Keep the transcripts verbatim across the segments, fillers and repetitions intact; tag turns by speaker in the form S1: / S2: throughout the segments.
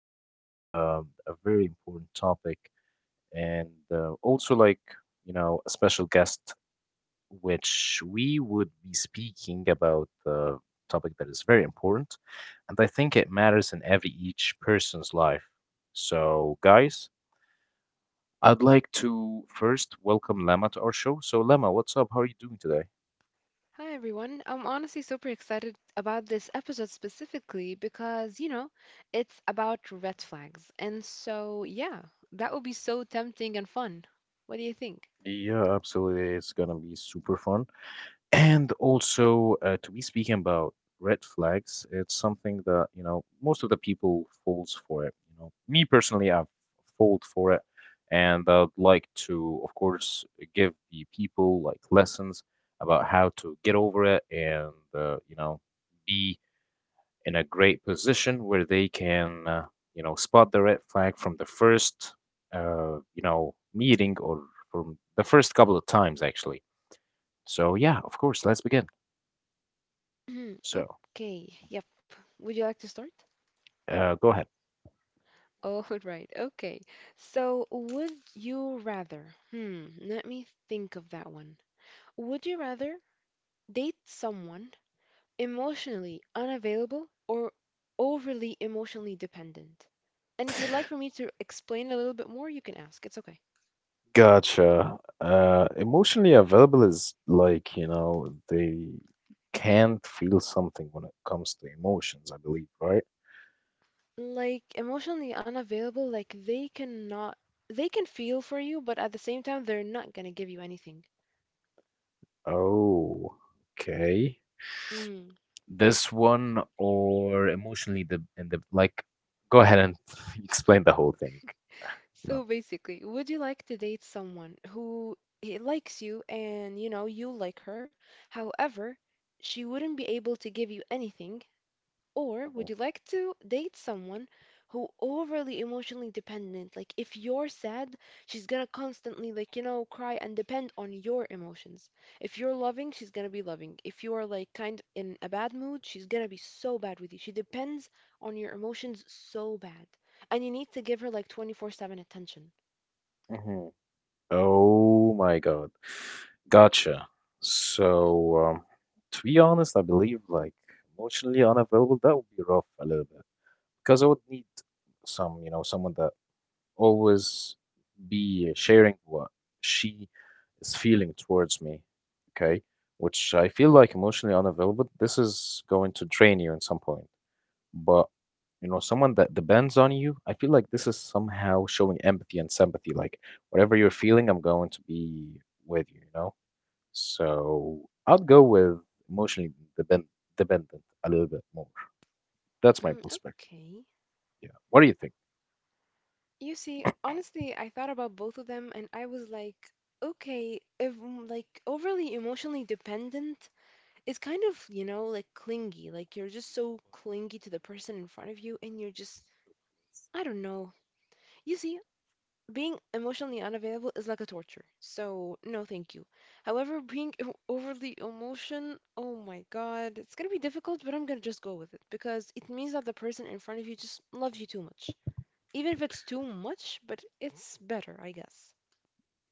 S1: have um a very important topic, and uh, also like you know a special guest, which we would be speaking about the topic that is very important, and I think it matters in every each person's life. So, guys, I'd like to first welcome Lama to our show. So, Lama, what's up? How are you doing today?
S2: Hi everyone. I'm honestly super excited about this episode specifically because, you know, it's about red flags. And so, yeah, that would be so tempting and fun. What do you think?
S1: Yeah, absolutely. It's gonna be super fun. And also, uh, to be speaking about red flags, it's something that, you know, most of the people falls for it. You know, me personally, I've falled for it, and I'd like to, of course, give the people like lessons about how to get over it and, uh, you know, be in a great position where they can, uh, you know, spot the red flag from the first, uh, you know, meeting or from the first couple of times, actually. So, yeah, of course, let's begin. So,
S2: Okay. Yep. Would you like to start?
S1: uh, go ahead.
S2: Oh, right. Okay. So, would you rather? Hmm, let me think of that one. Would you rather date someone emotionally unavailable or overly emotionally dependent. And if you'd like for me to explain a little bit more, you can ask. It's okay.
S1: Gotcha. Uh, emotionally available is like, you know, they can't feel something when it comes to emotions, I believe, right?
S2: Like emotionally unavailable, like they cannot they can feel for you, but at the same time they're not going to give you anything.
S1: Oh, okay.
S2: Mm.
S1: This one or emotionally the in the like go ahead and explain the whole thing.
S2: So
S1: Lama.
S2: basically, would you like to date someone who he likes you and you know you like her? However, she wouldn't be able to give you anything. Or
S1: Mhm.
S2: would you like to date someone who overly emotionally dependent? Like if you're sad, she's gonna constantly like, you know, cry and depend on your emotions. If you're loving, she's gonna be loving. If you're like kind in a bad mood, she's gonna be so bad with you. She depends on your emotions so bad. And you need to give her like twenty-four seven attention.
S1: hmm Oh my God. Gotcha. So, um, to be honest, I believe like emotionally unavailable, that would be rough a little bit because I would need some, you know, someone that always be sharing what she is feeling towards me, okay? Which I feel like emotionally unavailable, this is going to drain you at some point. But, you know, someone that depends on you, I feel like this is somehow showing empathy and sympathy. Like, whatever you're feeling, I'm going to be with you, you know? So I'd go with emotionally depend dependent a little bit more. That's my
S2: Mm,
S1: perspective.
S2: okay.
S1: Yeah. What do you think?
S2: You see, honestly, I thought about both of them and I was like, okay, if mm, like overly emotionally dependent, it's kind of, you know, like clingy, like you're just so clingy to the person in front of you, and you're just, I don't know, you see, being emotionally unavailable is like a torture, so no thank you. However, being em- overly emotion, oh my god, it's gonna be difficult, but I'm gonna just go with it because it means that the person in front of you just loves you too much. Even if it's too much, but it's better, I guess.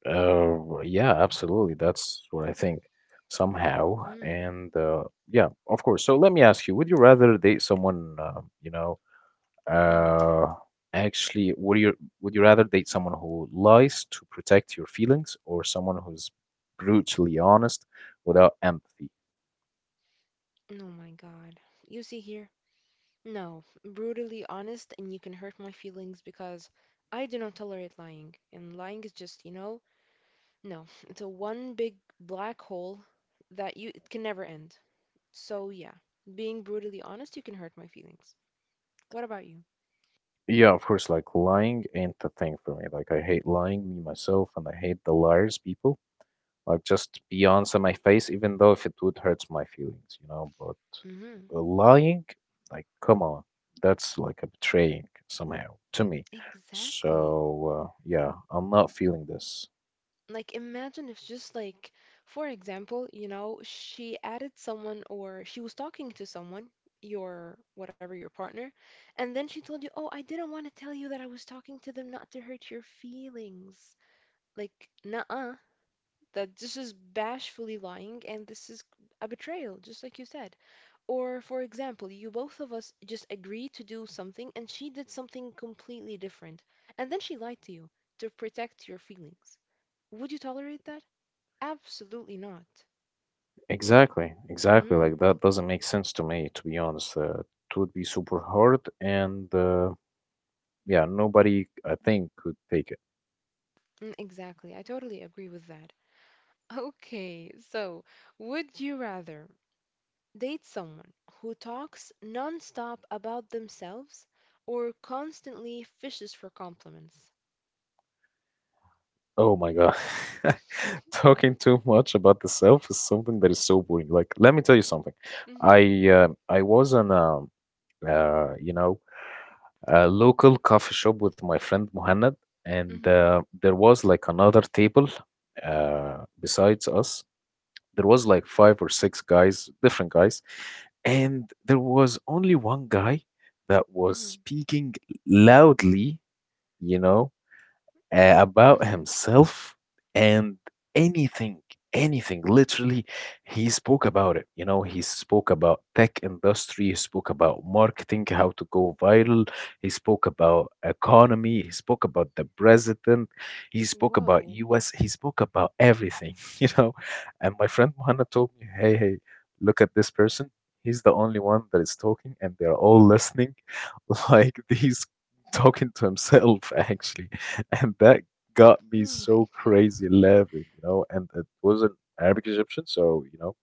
S1: Uh, yeah, absolutely. That's what I think somehow.
S2: mm,
S1: And uh, yeah, of course. So let me ask you: would you rather date someone, uh, you know,
S2: mm.
S1: uh, actually, would you would you rather date someone who lies to protect your feelings or someone who's brutally honest without empathy?
S2: Oh my god, you see here, no, brutally honest, and you can hurt my feelings because I do not tolerate lying. And lying is just, you know, no, it's a one big black hole that you it can never end. So yeah, being brutally honest, you can hurt my feelings. What about you?
S1: Yeah, of course. Like lying ain't the thing for me. Like I hate lying, me myself, and I hate the liars people. Like just be honest in my face, even though if it would hurt my feelings, you know. But
S2: Mm-hmm.
S1: uh, lying, like come on, that's like a betraying somehow to me.
S2: Exactly.
S1: So uh, yeah, I'm not feeling this.
S2: Like, imagine if just like, for example, you know, she added someone or she was talking to someone, your, whatever, your partner, and then she told you, "Oh, I didn't want to tell you that I was talking to them not to hurt your feelings." Like, nuh-uh, that this is bashfully lying and this is a betrayal, just like you said. Or, for example, you, both of us just agreed to do something and she did something completely different, and then she lied to you to protect your feelings. Would you tolerate that? Absolutely not.
S1: Exactly, exactly.
S2: Mhm.
S1: Like that doesn't make sense to me, to be honest. Uh, it would be super hard, and uh, yeah, nobody I think could take.
S2: mm Exactly. I totally agree with that. Okay, so would you rather date someone who talks nonstop about themselves or constantly fishes for compliments?
S1: Oh my God. Talking too much about the self is something that is so boring. Like, let me tell you something.
S2: Mm-hmm.
S1: I uh, I was in a uh, you know a local coffee shop with my friend Muhannad, and
S2: Mm-hmm.
S1: uh, there was like another table uh, besides us. There was like five or six guys, different guys, and there was only one guy that was
S2: Mm-hmm.
S1: speaking loudly. You know, uh, about
S2: Mm-hmm.
S1: himself and anything anything literally he spoke about it. You know he spoke about tech industry, he spoke about marketing, how to go viral, he spoke about economy, he spoke about the president, he spoke about
S2: Whoa.
S1: us, he spoke about everything. you know and my friend Mohanna told me, "Hey, hey, look at this person, he's the only one that is talking and they're all listening." Like he's talking to himself, actually, and that got me
S2: Oh my
S1: so
S2: God.
S1: crazy laughing, you know. And it wasn't Arabic Egyptian, so you know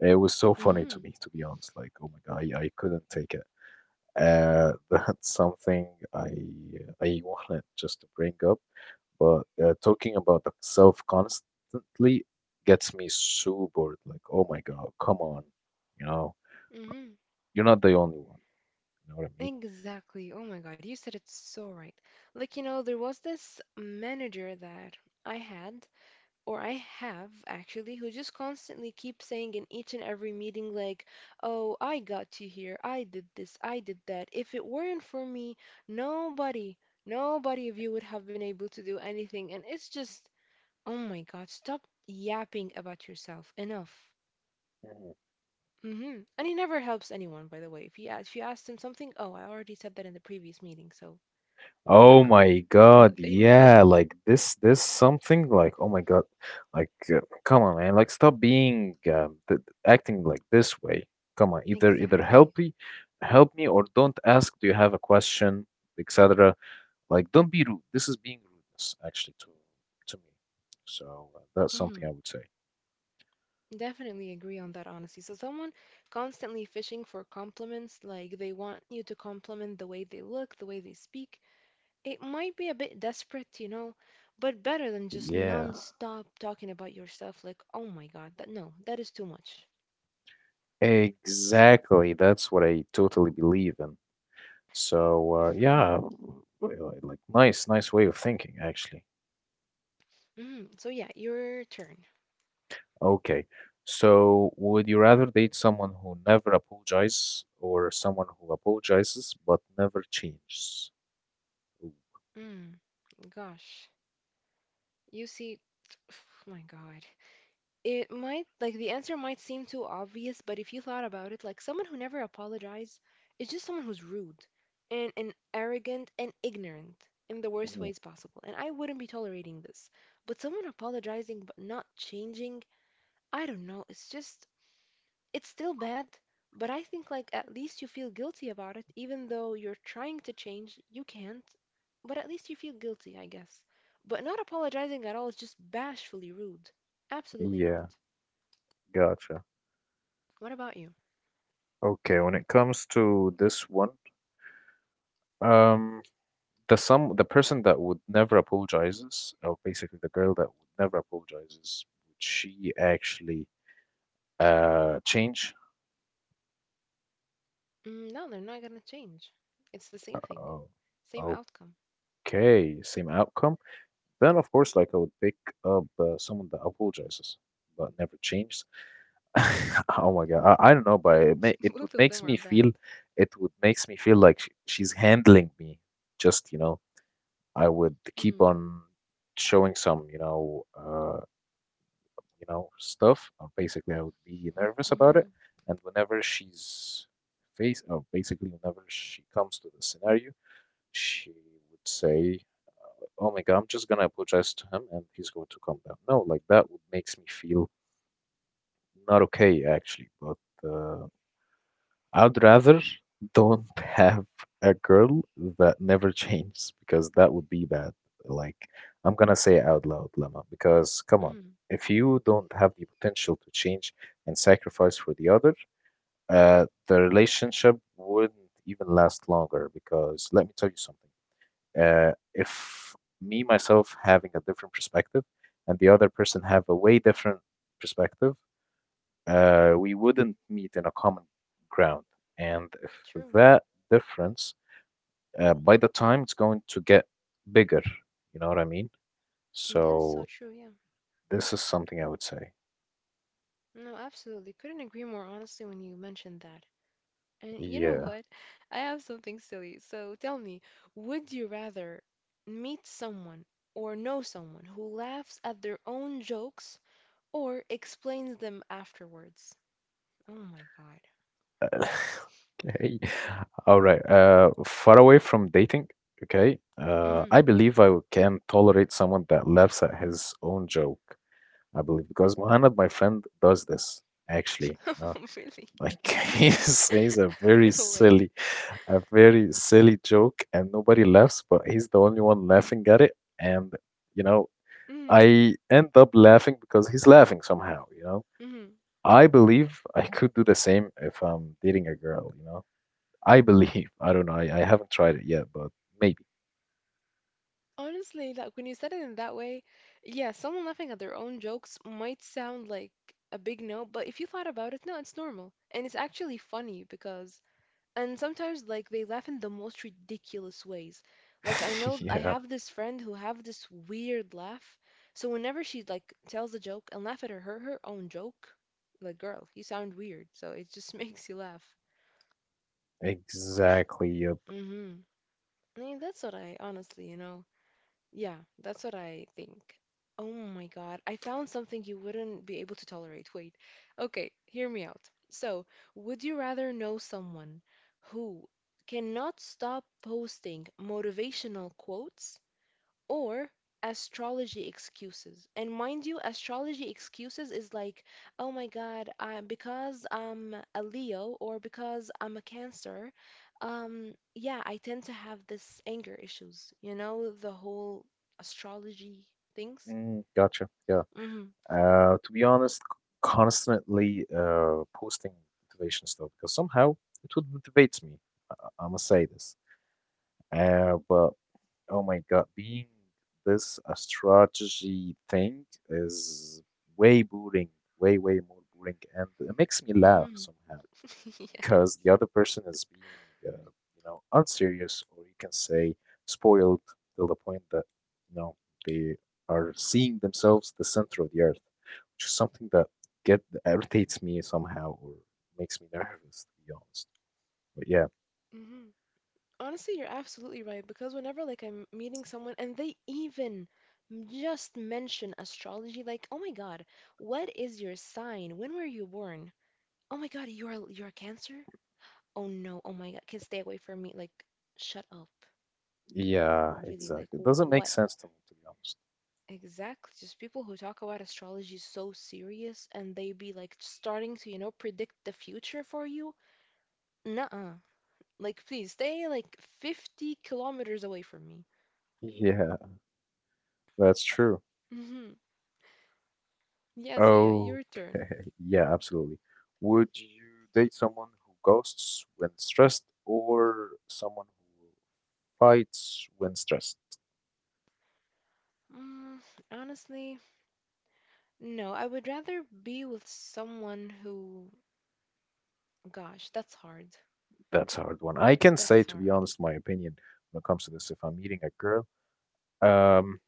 S1: it was so funny
S2: Mm-hmm.
S1: to me, to be honest. Like oh my God, I, I couldn't take it. Uh, that's something I I wanted just to bring up, but uh, talking about the self constantly gets me so bored. Like oh my God, come on, you know
S2: Mm-hmm.
S1: you're not the only one. You know what I mean?
S2: Exactly. Oh my God. You said it so right. Like, you know, there was this manager that I had or I have actually, who just constantly keep saying in each and every meeting, like, oh, I got you here. I did this. I did that. If it weren't for me, nobody, nobody of you would have been able to do anything. And it's just, oh my God, stop yapping about yourself. Enough.
S1: Mhm.
S2: hmm And he never helps anyone, by the way. If you, a- if you asked him something, oh, I already said that in the previous meeting, so not,
S1: Oh my
S2: not
S1: God,
S2: thank you.
S1: yeah, like this this something like oh my God, like uh, come on man, like stop being um, th acting like this way. Come on, either either
S2: Exactly.
S1: help me, help me or don't ask, do you have a question, et cetera. Like don't be rude. This is being rudeness actually to to me. So uh, that's something I would say.
S2: Definitely agree on that, honestly. So, someone constantly fishing for compliments, like they want you to compliment the way they look, the way they speak, it might be a bit desperate, you know, but better than just
S1: Yeah.
S2: non-stop talking about yourself, like, oh my God, that no, that is too much.
S1: Exactly. That's what I totally believe in. So, uh,
S2: hmm
S1: yeah, uh, like nice, nice way of thinking, actually.
S2: hmm So, yeah, your turn.
S1: Okay. So, would you rather date someone who never apologizes or someone who apologizes but never changes? Ooh.
S2: Mm, gosh, you see, oh my God. It might, like, the answer might seem too obvious, but if you thought about it, like, someone who never apologizes is just someone who's rude and, and arrogant and ignorant in the worst
S1: Mhm.
S2: ways possible. And I wouldn't be tolerating this. But someone apologizing but not changing, I don't know. It's just, it's still bad, but I think, like, at least you feel guilty about it, even though you're trying to change, you can't. But at least you feel guilty, I guess. But not apologizing at all is just bashfully rude. Absolutely not.
S1: Yeah, gotcha.
S2: What about you?
S1: Okay, when it comes to this one, um, the some the person that would never apologizes, or basically the girl that would never apologizes, would she actually Uh, change.
S2: Mm, no, they're not gonna change. It's the same thing,
S1: Oh,
S2: same outcome.
S1: okay, same outcome. Then, of course, like I would pick up uh, someone that apologizes but never changes. Oh my God, I, I don't know, but it, ma it would
S2: Both of
S1: makes
S2: them are
S1: me
S2: bad.
S1: feel, it would makes me feel like sh she's handling me. Just, you know, I would keep
S2: Mm,
S1: on showing some, you know, uh, you know, stuff. Or basically, I would be nervous about
S2: hmm
S1: it, and whenever she's face, or basically whenever she comes to the scenario. She would say, "Oh my God, I'm just gonna apologize to him and he's going to calm down." No, like that would makes me feel not okay actually. But uh, I'd rather don't have a girl that never changes because that would be bad. Like I'm gonna say it out loud, Lemma, because come on,
S2: hmm
S1: if you don't have the potential to change and sacrifice for the other, uh, the relationship wouldn't even last longer because let me tell you something. uh, if me myself having a different perspective and the other person have a way different perspective, uh, we wouldn't meet in a common ground. And if
S2: True.
S1: that difference, uh, by the time it's going to get bigger, you know what I mean?
S2: Mm, That is so
S1: So
S2: true, yeah.
S1: this is something I would say.
S2: No, absolutely. Couldn't agree more honestly when you mentioned that. And you know
S1: Yeah.
S2: what? I have something silly. So tell me, would you rather meet someone or know someone who laughs at their own jokes or explains them afterwards? Oh my God.
S1: Uh, Okay. All right. Uh, far away from dating. Okay. Uh,
S2: Mm-hmm.
S1: I believe I can tolerate someone that laughs at his own joke. I believe, because Muhannad, my friend, does this actually. You know,
S2: Really?
S1: like he says a very
S2: No
S1: silly, a very silly joke, and nobody laughs, but he's the only one laughing at it. And you know,
S2: way.
S1: I end up laughing because he's laughing somehow. You know,
S2: Mm-hmm.
S1: I believe I could do the same if I'm dating a girl. You know, I believe. I don't know. I, I haven't tried it yet, but maybe.
S2: Honestly, like when you said it in that way, yeah, someone laughing at their own jokes might sound like a big no, but if you thought about it, no, it's normal. And it's actually funny because, and sometimes like they laugh in the most ridiculous ways. Like I know I
S1: Yeah,
S2: have this friend who have this weird laugh. So whenever she like tells a joke and laugh at her her, her own joke, like girl, you sound weird. So it just makes you laugh.
S1: exactly. Yep.
S2: Mm-hmm. I mean, that's what I honestly, you know, yeah, that's what I think. Oh my God, I found something you wouldn't be able to tolerate. Wait. Okay, hear me out. So, would you rather know someone who cannot stop posting motivational quotes or astrology excuses. And mind you, astrology excuses is like, oh my God, I, because I'm a Leo or because I'm a Cancer, um, yeah, I tend to have this anger issues. You know, the whole astrology things.
S1: Mm, gotcha. Yeah.
S2: Mm-hmm.
S1: Uh, to be honest, c- constantly uh, posting motivation stuff because somehow it would motivate me. I, I must say this. Uh, but oh my God, being this a strategy thing is way boring, way, way more boring, and it makes me laugh
S2: Mm-hmm.
S1: somehow
S2: Yeah.
S1: because the other person is being, uh, you know, unserious, or you can say spoiled till the point that, you know, they are seeing themselves the center of the earth, which is something that get irritates me somehow or makes me nervous, to be honest. But yeah,
S2: Mm-hmm. Honestly, you're absolutely right because whenever like I'm meeting someone and they even m- just mention astrology, like, oh my God, what is your sign? When were you born? Oh my god, you are you're a cancer? Oh no, oh my god, kids stay away from me. Like, shut up.
S1: yeah,
S2: Really, like
S1: exactly. It doesn't make sense to me, to be honest.
S2: exactly. Just people who talk about astrology so serious and they be like starting to, you know, predict the future for you. Nuh-uh. Like please stay like fifty kilometers away from me.
S1: Yeah, that's true.
S2: Mm-hmm. Yeah, so yeah,
S1: Oh,
S2: your turn.
S1: yeah, absolutely. Would you date someone who ghosts when stressed or someone fights when stressed?
S2: Mm, honestly, no. I would rather be with someone who, gosh, that's hard.
S1: That's a hard one. I can say,
S2: That's
S1: to
S2: hard.
S1: be honest, my opinion when it comes to this. If I'm meeting a girl, um,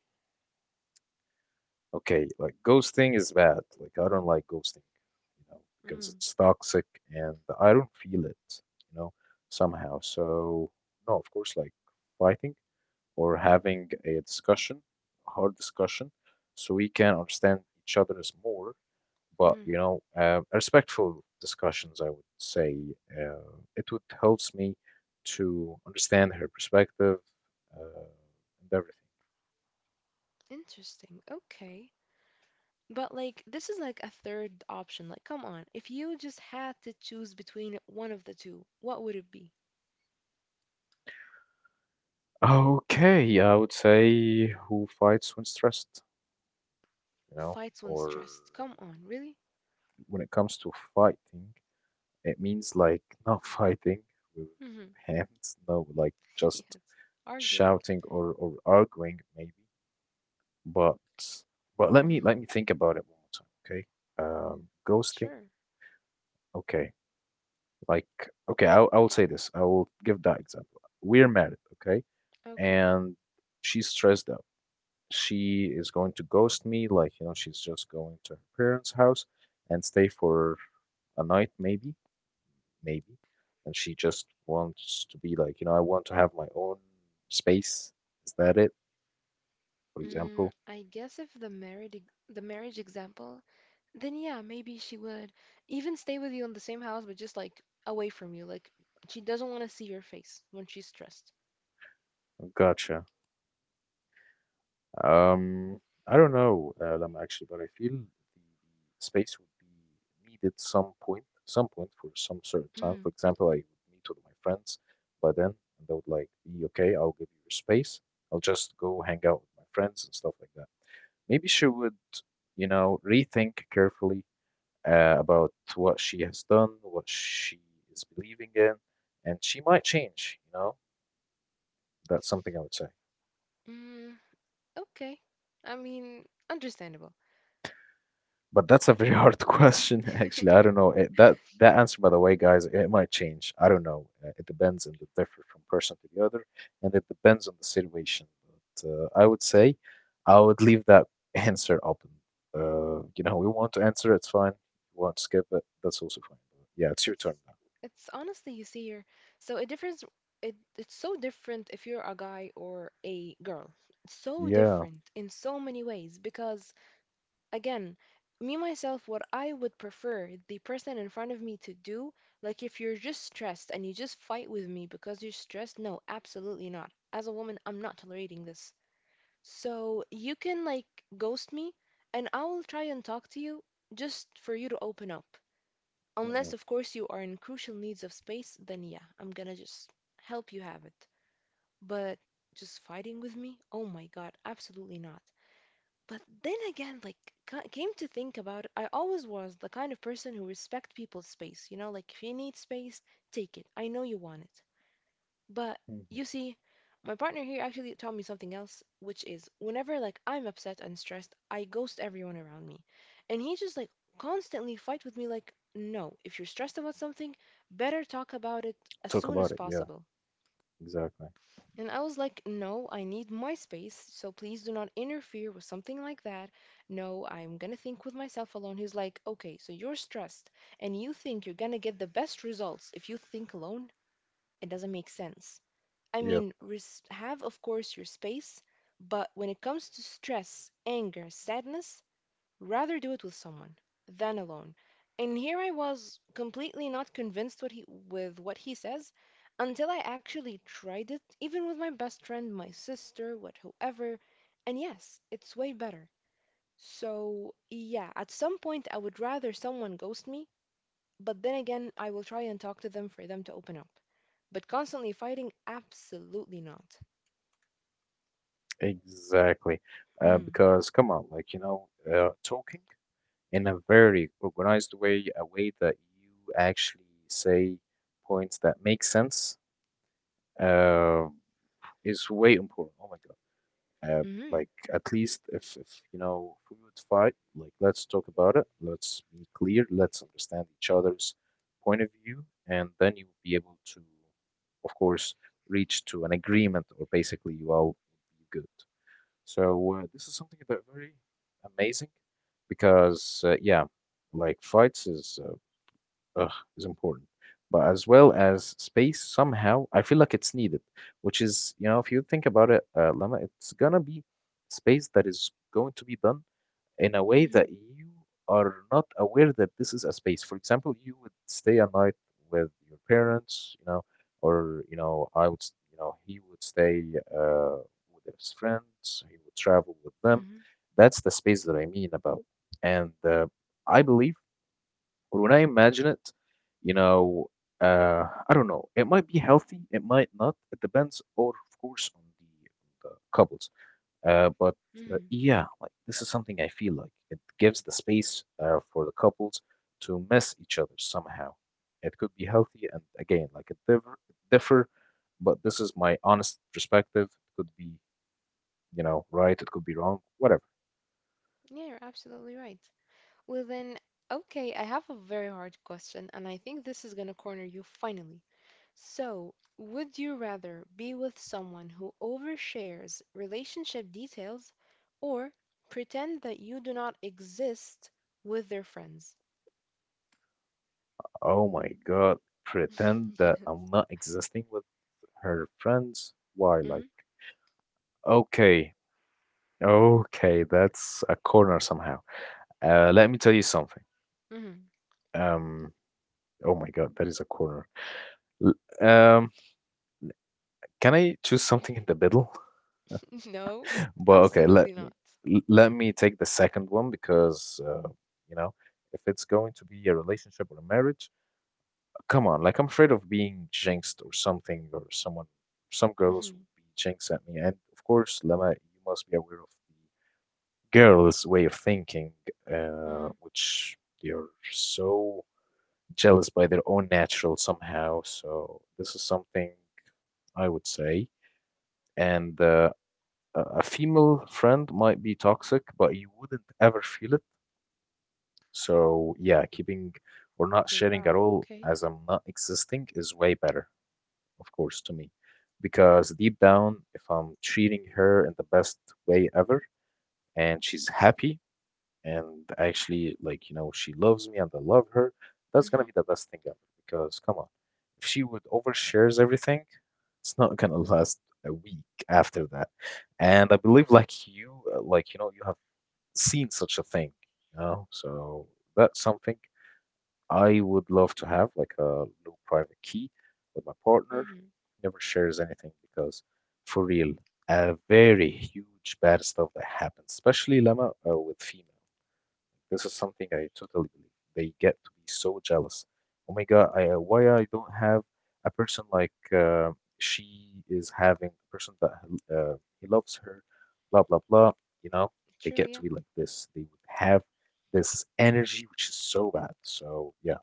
S1: okay, like ghosting is bad. Like I don't like ghosting, you know, because
S2: Mm,
S1: it's toxic and I don't feel it, you know, somehow. So no, of course, like fighting or having a discussion, hard discussion, so we can understand each other's more. But
S2: mm.
S1: you know, uh, respectful discussions, I would say, uh, it would helps me to understand her perspective, uh, and everything.
S2: Interesting. Okay. But like this is like a third option. Like come on, if you just had to choose between one of the two, what would it be?
S1: Okay, I would say who fights when stressed, you know,
S2: Fights when
S1: or
S2: stressed. Come on, really?
S1: when it comes to fighting, it means like not fighting with
S2: Mm-hmm.
S1: hands, no, like
S2: Yes.
S1: just
S2: Arguing.
S1: shouting or or arguing maybe. But but let me let
S2: Mhm.
S1: me think about it one more time, okay? Um, ghosting
S2: Sure.
S1: Okay. Like, okay, I, I will say this. I will give that example. We're married, okay?
S2: Okay.
S1: And she's stressed out. She is going to ghost me, like, you know, she's just going to her parents' house and stay for a night, maybe, maybe. And she just wants to be like, you know, I want to have my own space. Is that it, for
S2: Mm,
S1: example?
S2: I guess if the married ex- the marriage example, then yeah, maybe she would even stay with you in the same house, but just like away from you. Like she doesn't want to see your face when she's stressed.
S1: Gotcha. Um, I don't know, uh, Lam, actually, but I feel the space would be needed some point, some point for some certain time. For
S2: Mm.
S1: example, I would meet with my friends, but then and they would like be okay. I'll give you your space. I'll just go hang out with my friends and stuff like that. Maybe she would, you know, rethink carefully uh, about what she has done, what she is believing in, and she might change. You know, that's something I would say.
S2: Mm, okay. I mean, understandable.
S1: But that's a very hard question, actually. I don't know. It, that that answer, by the way, guys, it might change. I don't know. Uh, It depends and it differs from person to the other, and it depends on the situation. But uh, I would say I would leave that answer open. Uh, you know, we want to answer, it's fine. We want to skip it, that's also fine. But yeah, it's your
S2: It's
S1: turn now.
S2: It's honestly, you see here, so a difference. It, it's so different if you're a guy or a girl. It's so
S1: Yeah.
S2: different in so many ways because, again, me myself, what I would prefer the person in front of me to do, like if you're just stressed and you just fight with me because you're stressed, no, absolutely not. As a woman, I'm not tolerating this. So you can like ghost me and I will try and talk to you just for you to open up.
S1: Mhm,
S2: Unless, of course, you are in crucial needs of space, then yeah, I'm gonna just help you have it. But just fighting with me? Oh my god, absolutely not. But then again, like, ca- came to think about it, I always was the kind of person who respect people's space. You know, like, if you need space, take it. I know you want it. But
S1: mhm.
S2: you see, my partner here actually taught me something else, which is whenever like I'm upset and stressed, I ghost everyone around me. And he just like constantly fight with me like, "No, if you're stressed about something, better talk about it as
S1: Talk
S2: soon
S1: about
S2: as
S1: it. Yeah,
S2: possible."
S1: exactly.
S2: And I was like, "No, I need my space, so please do not interfere with something like that. No, I'm going to think with myself alone." He's like, "Okay, so you're stressed and you think you're going to get the best results if you think alone? It doesn't make sense." I
S1: Yeah,
S2: mean, res- have, of course, your space, but when it comes to stress, anger, sadness, rather do it with someone than alone. And here I was completely not convinced what he, with what he says until I actually tried it, even with my best friend, my sister, what whoever. And yes, it's way better. So, yeah, at some point I would rather someone ghost me, but then again, I will try and talk to them for them to open up. But constantly fighting, absolutely not.
S1: exactly. Uh,
S2: Mm,
S1: because come on, like you know, uh, talking in a very organized way, a way that you actually say points that make sense, uh, is way important. Oh my God. Uh,
S2: mm,
S1: like at least if, if you know if we would fight, like let's talk about it, let's be clear, let's understand each other's point of view, and then you will be able to, of course, reach to an agreement, or basically you all would be good. So uh, this is something that very amazing because uh, yeah, like flights is uh, ugh, is important, but as well as space somehow I feel like it's needed, which is, you know, if you think about it, uh, Lama, it's gonna be space that is going to be done in a way
S2: mm,
S1: that you are not aware that this is a space. For example, you would stay a night with your parents, you know, or you know, I would, s- you know, he would stay uh, with his friends. He would travel with them.
S2: mm,
S1: That's the space that I mean about. And uh, I believe, or when I imagine it, you know, uh, I don't know. It might be healthy. It might not. It depends, or of course, on the, the couples. Uh, but uh,
S2: mm.
S1: yeah, like this is something I feel like it gives the space uh, for the couples to miss each other somehow. It could be healthy, and again, like it differ, differ, but this is my honest perspective. It could be, you know, right, it could be wrong, whatever.
S2: Yeah, you're absolutely right. Well, then, okay, I have a very hard question, and I think this is gonna corner you finally. So, would you rather be with someone who overshares relationship details, or pretend that you do not exist with their friends?
S1: Oh my God, pretend that I'm not existing with her friends. Why? Like,
S2: Hmm.
S1: okay, okay, that's a corner somehow. Uh, let me tell you something.
S2: Hmm.
S1: Um, oh my God, that is a corner. L um, can I choose something in the middle?
S2: No,
S1: But okay, let
S2: absolutely not.
S1: me l- let me take the second one because uh, you know, if it's going to be a relationship or a marriage, come on, like I'm afraid of being jinxed or something, or someone, some girls would
S2: Hmm.
S1: be jinxed at me. And of course, Lama, you must be aware of the girls' way of thinking, uh,
S2: Hmm.
S1: which they are so jealous by their own natural somehow. So this is something I would say. And uh, a a female friend might be toxic, but you wouldn't ever feel it. So yeah, keeping or not sharing at
S2: Wow.
S1: all
S2: Okay.
S1: as I'm not existing is way better, of course, to me. Because deep down, if I'm treating her in the best way ever and she's happy, and actually like you know she loves me and I love her, that's gonna
S2: Hmm.
S1: be the best thing ever because come on, if she would overshares everything, it's not gonna last a week after that. And I believe like you uh, like you know you have seen such a thing, you know, so that's something I would love to have like a little private key with my partner.
S2: Hmm.
S1: Never shares anything because for real, a very huge bad stuff that happens, especially Lama uh, with females. This is something I totally believe. They get to be so jealous. Oh my God, I, uh, why I don't have a person like uh, she is having a person that uh, he loves her, blah blah blah. You know, they
S2: True,
S1: get to
S2: yeah.
S1: be like this. They would have this energy, which is so bad. So yeah,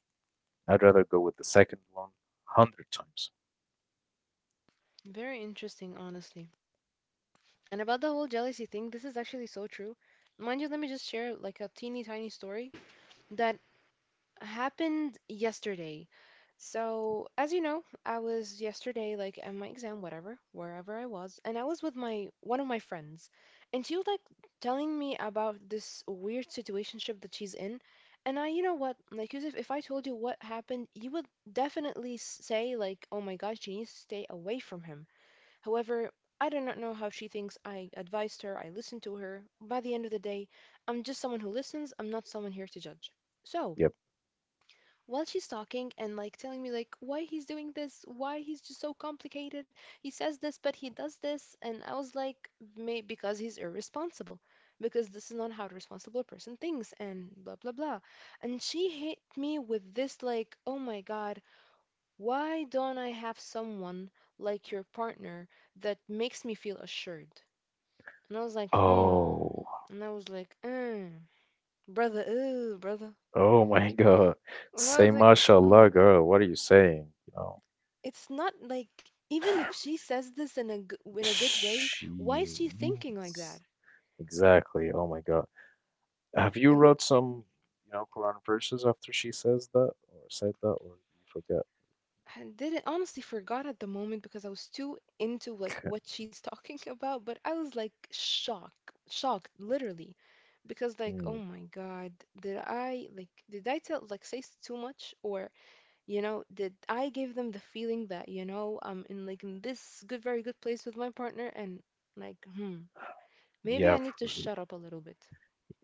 S1: I'd rather go with the second one hundred times.
S2: Very interesting, honestly. And about the whole jealousy thing, this is actually so true. Mind you, let me just share like a teeny tiny story that happened yesterday. So, as you know, I was yesterday like at my exam, whatever, wherever I was, and I was with my one of my friends, and she was like telling me about this weird situationship that she's in. And I, you know what, like Yusuf, if I told you what happened, you would definitely s- say like, "Oh my God, she needs to stay away from him." However, I do not know how she thinks. I advised her, I listened to her. By the end of the day, I'm just someone who listens. I'm not someone here to judge. So,
S1: Yep.
S2: while she's talking and like telling me like why he's doing this, why he's just so complicated, he says this but he does this, and I was like, may because he's irresponsible, because this is not how a responsible person thinks, and blah blah blah. And she hit me with this like, oh my god, why don't I have someone like your partner that makes me feel assured? And I was like, hmm.
S1: Oh,
S2: And I was like, mm, brother, ooh, brother.
S1: oh my God.
S2: And I
S1: Say
S2: was like,
S1: mashallah,
S2: mm.
S1: girl. What are you saying? You know.
S2: It's not like, even if she says this in a g- in a good way, why is
S1: She
S2: she thinking like that?
S1: means exactly. Oh my God. Have you wrote some, you know, Quran verses after she says that or said that, or you forget?
S2: I didn't honestly forgot at the moment because I was too into like what she's talking about, but I was like shocked, shocked literally, because like
S1: Mm,
S2: oh my god, did I like did I tell like say s- too much, or you know did I give them the feeling that you know I'm in like in this good very good place with my partner and like hmm maybe
S1: yeah,
S2: I need to
S1: for real.
S2: shut up a little bit.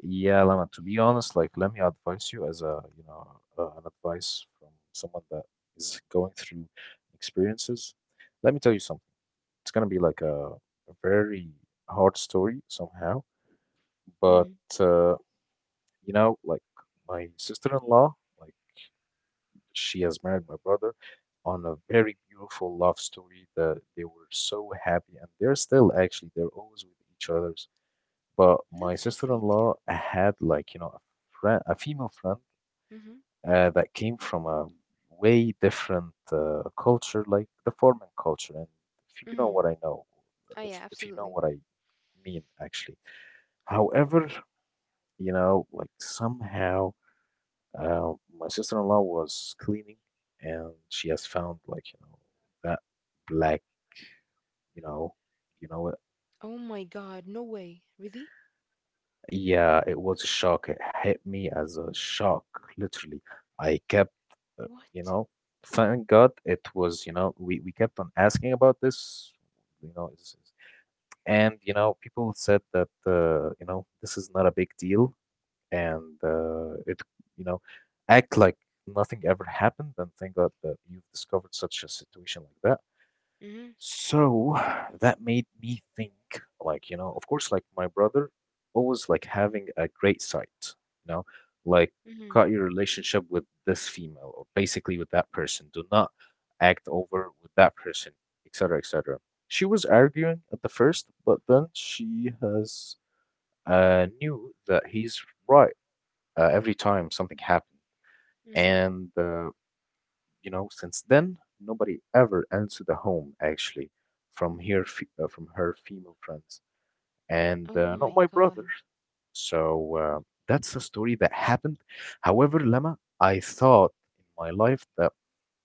S1: Yeah, Lama, to be honest, like, let me advise you as a, you know, uh, an advice from someone that is going through experiences. Let me tell you something. It's gonna be like a, a very hard story somehow, but
S2: Mm,
S1: uh, you know, like my sister-in-law, like she has married my brother on a very beautiful love story that they were so happy and they're still actually they're always with each others, but my
S2: that's so sweet. Yeah.
S1: sister-in-law had, like, you know, a friend, a female friend
S2: Mhm.
S1: uh, that came from a way different uh, culture, like the foreign culture. And if you know
S2: Mhm.
S1: what I know,
S2: Oh yeah,
S1: if, if you know
S2: absolutely.
S1: what I mean, actually, however, you know, like somehow uh, my sister-in-law was cleaning, and she has found, like, you know, that black, you know, you know what?
S2: Oh my god, no way. Really?
S1: Yeah, it was a shock. It hit me as a shock, literally. I kept, uh, you
S2: What?
S1: know, thank God it was, you know, we we kept on asking about this, you know, is, is- and you know, people said that uh, you know, this is not a big deal, and uh, it you know act like nothing ever happened, and thank God that you've discovered such a situation like that. So that made me think, like, you know, of course, like my brother always like having a great sight, you know, like
S2: Mhm,
S1: cut your relationship with this female or basically with that person, do not act over with that person, etc, etc. She was arguing at the first, but then she has uh knew that he's right, uh, every time something happened.
S2: mhm.
S1: And uh, you know, since then, nobody ever answered the home actually from her, fe- uh, from her female friends
S2: Oh
S1: and uh, not
S2: my
S1: my brother.
S2: God.
S1: So uh, that's a story that happened. However, Lama, I thought in my life that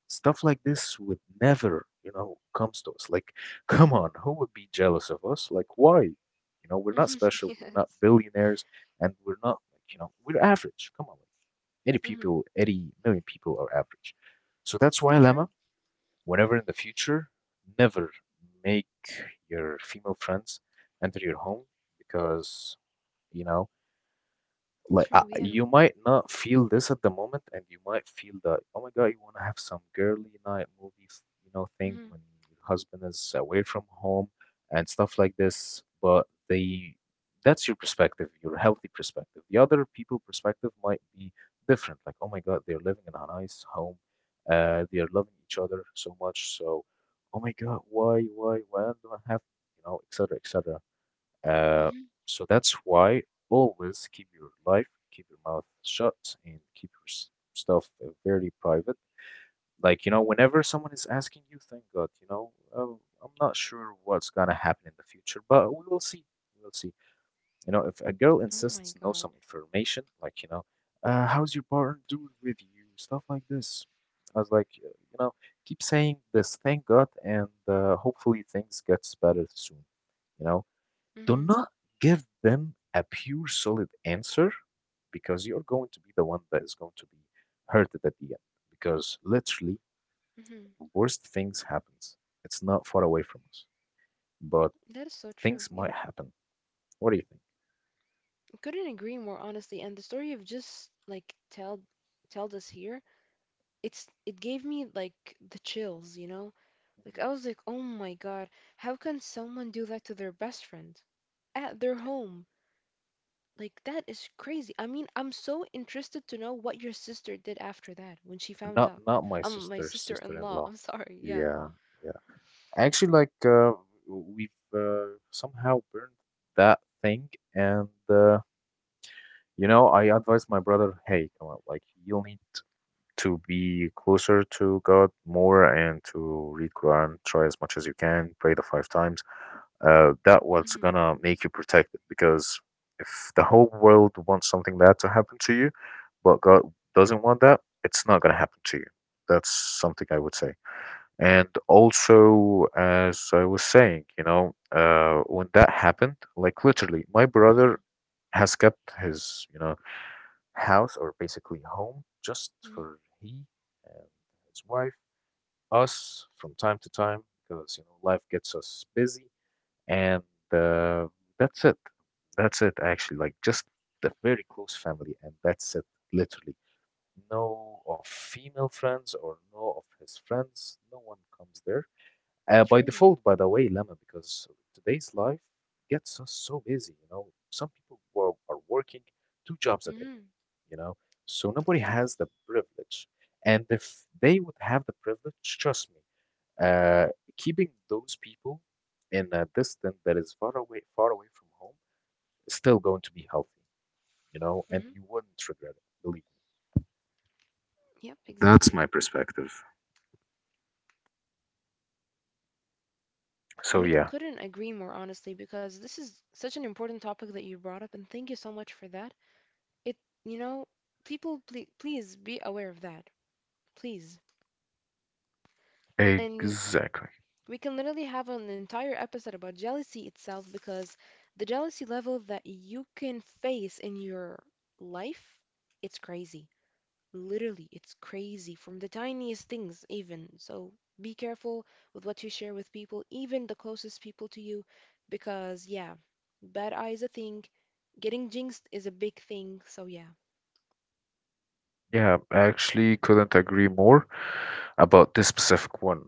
S1: stuff like this would never, you know, comes to us. Like, come on, who would be jealous of us? Like, why? You know, we're not
S2: Hmm.
S1: special. We're not
S2: Yes.
S1: billionaires, and we're not like, you know, we're average. Come on. Like, eighty
S2: Mhm.
S1: people, eighty million people are average. So that's why, Lama,
S2: True.
S1: whenever in the future, never make your female friends enter your home because, you know, like I,
S2: True. Yeah.
S1: you might not feel this at the moment, and you might feel that, oh my god, you want to have some girly night movie, you know, thing when
S2: Mhm.
S1: your husband is away from home and stuff like this. But they that's your perspective, your healthy perspective. The other people perspective might be different, like, oh my god, they're living in a nice home, uh they are loving each other so much. So, oh my god, why why why don't I have, you know, et cetera, et cetera. Uh,
S2: Mhm.
S1: so that's why always keep your life, keep your mouth shut, and keep your s- stuff uh, very private. Like, you know, whenever someone is asking you, thank God, you know, oh, I'm not sure what's gonna happen in the future, but we will see. We'll see. You know, if a girl
S2: Oh
S1: insists
S2: my
S1: to know
S2: God.
S1: some information, like, you know, uh, how's your partner doing with you, stuff like this. I was like, uh, you know, keep saying this, thank God, and uh, hopefully things gets better soon. You know, do
S2: Mhm.
S1: not give them a pure solid answer because you're going to be the one that is going to be hurted at the end, because literally
S2: Mhm.
S1: worst things happens, it's not far away from us, but
S2: That is so true.
S1: things
S2: Yeah.
S1: might happen. What do you think?
S2: I couldn't agree more honestly. And the story you've just like tell told us here, it's it gave me like the chills, you know? Like
S1: Mhm.
S2: I was like, "Oh my God, how can someone do that to their best friend at their home?" Like that is crazy. I mean, I'm so interested to know what your sister did after that when she found
S1: not
S2: out.
S1: not my
S2: Um, my
S1: sister
S2: sister-in-law.
S1: sister-in-law.
S2: I'm sorry. Yeah.
S1: Yeah, yeah, actually like uh, we've uh, somehow burned that thing. And uh, you know, I advised my brother, hey, come on, like you'll need to be closer to God more and to read Quran, try as much as you can, pray the five times. Uh, that what's
S2: Hmm.
S1: gonna make you protected, because if the whole world wants something bad to happen to you, but God doesn't want that, it's not gonna happen to you. That's something I would say. And also, as I was saying, you know, uh, when that happened, like literally, my brother has kept his, you know, house or basically home just
S2: Hmm.
S1: for he and his wife, us from time to time because you know life gets us busy, and uh, that's it. That's it actually. Like just the very close family, and that's it. Literally, no of female friends or no of his friends. No one comes there. Uh, by
S2: True.
S1: default, by the way, Lemma, because today's life gets us so busy. You know, some people who are, are working two jobs a day,
S2: Mm-hmm.
S1: you know? So nobody has the privilege. And if they would have the privilege, trust me, uh, keeping those people in a distance that is far away, far away from home, is still going to be healthy, you know, and
S2: Hmm.
S1: you wouldn't regret it, believe me.
S2: Yep.
S1: That's
S2: Exactly.
S1: my perspective.
S2: I
S1: So
S2: mean,
S1: yeah.
S2: couldn't agree more honestly because this is such an important topic that you brought up, and thank you so much for that. It, you know, people, please, please be aware of that, please. And
S1: Exactly.
S2: we can literally have an entire episode about jealousy itself because the jealousy level that you can face in your life, it's crazy. Literally, it's crazy from the tiniest things, even. So be careful with what you share with people, even the closest people to you, because yeah, bad eye is a thing. Getting jinxed is a big thing. So yeah.
S1: Yeah, I actually couldn't agree more about this specific one,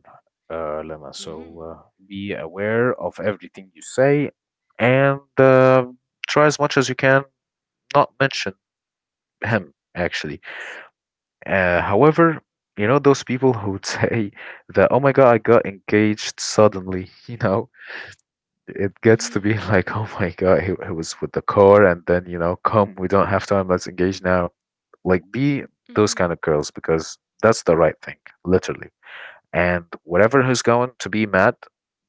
S1: uh, Lema. So
S2: Mm-hmm.
S1: uh, be aware of everything you say, and uh, try as much as you can not mention him, actually. Uh, however, you know, those people who would say that, oh my God, I got engaged suddenly, you know, it gets to
S2: Mm-hmm.
S1: be like, oh my God, he, he was with the car and then, you know, come, we don't have time, let's engage now, like be those
S2: Mm-hmm.
S1: kind of girls because that's the right thing, literally. And whatever who's going to be mad,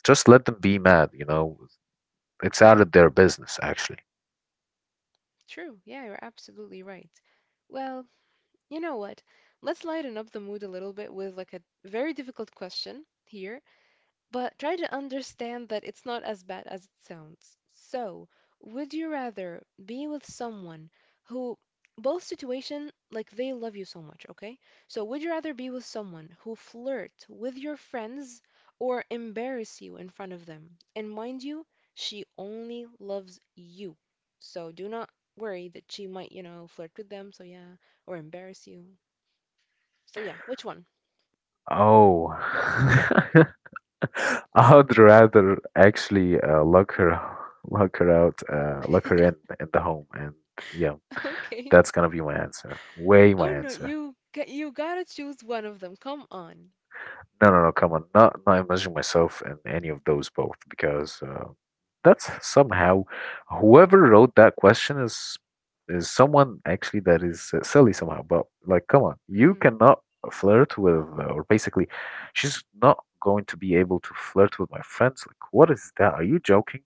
S1: just let them be mad, you know. It's out of their business, actually.
S2: True. Yeah, you're absolutely right. Well, you know what? Let's lighten up the mood a little bit with like a very difficult question here, but try to understand that it's not as bad as it sounds. So, would you rather be with someone who, both situation like they love you so much, okay? So, would you rather be with someone who flirt with your friends or embarrass you in front of them? And mind you, she only loves you. So, do not worry that she might, you know, flirt with them, so yeah, or embarrass you. So yeah, which one?
S1: Oh, I'd rather actually uh, lock her, lock her out, uh, lock her in in the home, and yeah,
S2: Okay.
S1: that's gonna be my answer. Way my
S2: Oh no,
S1: answer.
S2: you g- you gotta choose one of them. Come on.
S1: No, no, no, come on. Not not imagining myself in any of those both because uh, that's somehow whoever wrote that question is is someone actually that is uh, silly somehow. But like, come on, you cannot flirt with uh, or basically, she's not going to be able to flirt with my friends. Like, what is that? Are you joking?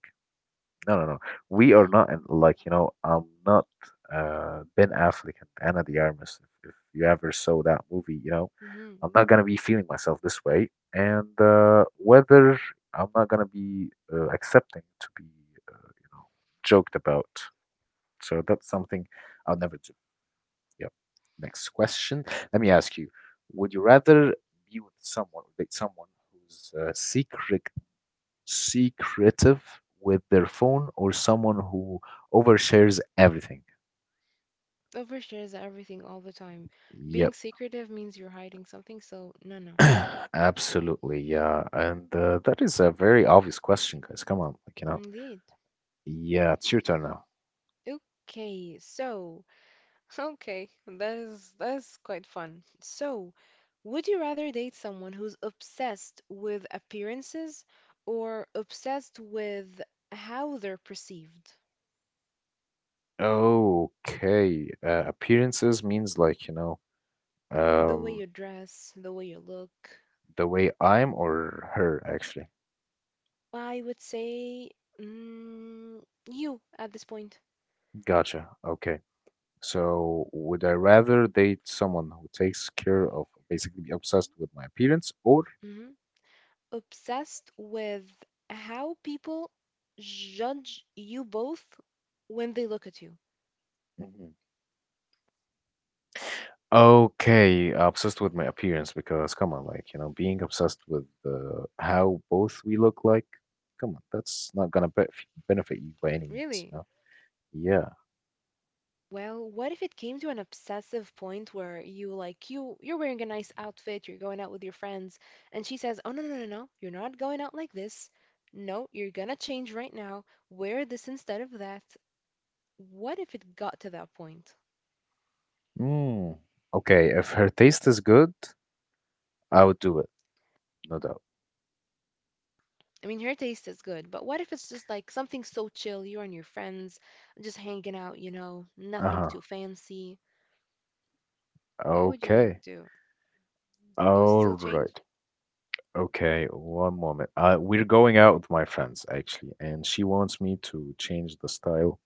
S1: No, no, no. We are
S2: Mm-hmm.
S1: not, and like, you know, I'm not uh, Ben Affleck and Anna de Armas. If, if you ever saw that movie, you know,
S2: Mm-hmm.
S1: I'm not gonna be feeling myself this way, and uh, whether I'm not gonna be uh, accepting to be, uh, you know, joked about. So that's something I'll never do. Yeah. Next question. Let me ask you: would you rather be with someone, date someone who's uh, secret, secretive with their phone or someone who overshares everything?
S2: Overshares are everything all the time. Being
S1: Yep,
S2: secretive means you're hiding something, so no, no.
S1: absolutely. Yeah, and uh, that is a very obvious question, guys. Come on, like, you know.
S2: Indeed.
S1: Yeah, it's your turn now.
S2: Okay, so okay, that is that's quite fun. So, would you rather date someone who's obsessed with appearances or obsessed with how they're perceived?
S1: Okay, uh, appearances means like, you know,
S2: The way
S1: um,
S2: you dress, the way you look.
S1: the way I'm or her, actually.
S2: I would say mm, you at this point.
S1: Gotcha. Okay. So, would I rather date someone who takes care of basically be obsessed with my appearance or
S2: Hmm. Obsessed with how people judge you both when they look at you.
S1: Mhm. Okay, obsessed with my appearance because come on, like, you know, being obsessed with uh, how both we look like, come on, that's not gonna be benefit you by any means, you
S2: Really?
S1: know? Yeah.
S2: Well, what if it came to an obsessive point where you like you you're wearing a nice outfit, you're going out with your friends, and she says, "Oh no, no, no, no. You're not going out like this. No, you're gonna change right now. Wear this instead of that." What if it got to that point?
S1: Mm. Okay, if her taste is good, I would do it, no doubt.
S2: I mean, her taste is good, but what if it's just like something so chill, you and your friends just hanging out, you know, nothing
S1: Uh-huh.
S2: too fancy? What would you
S1: Okay.
S2: do? You would
S1: All
S2: still change?
S1: right. Okay, one moment. Uh, we're going out with my friends actually, and she wants me to change the style,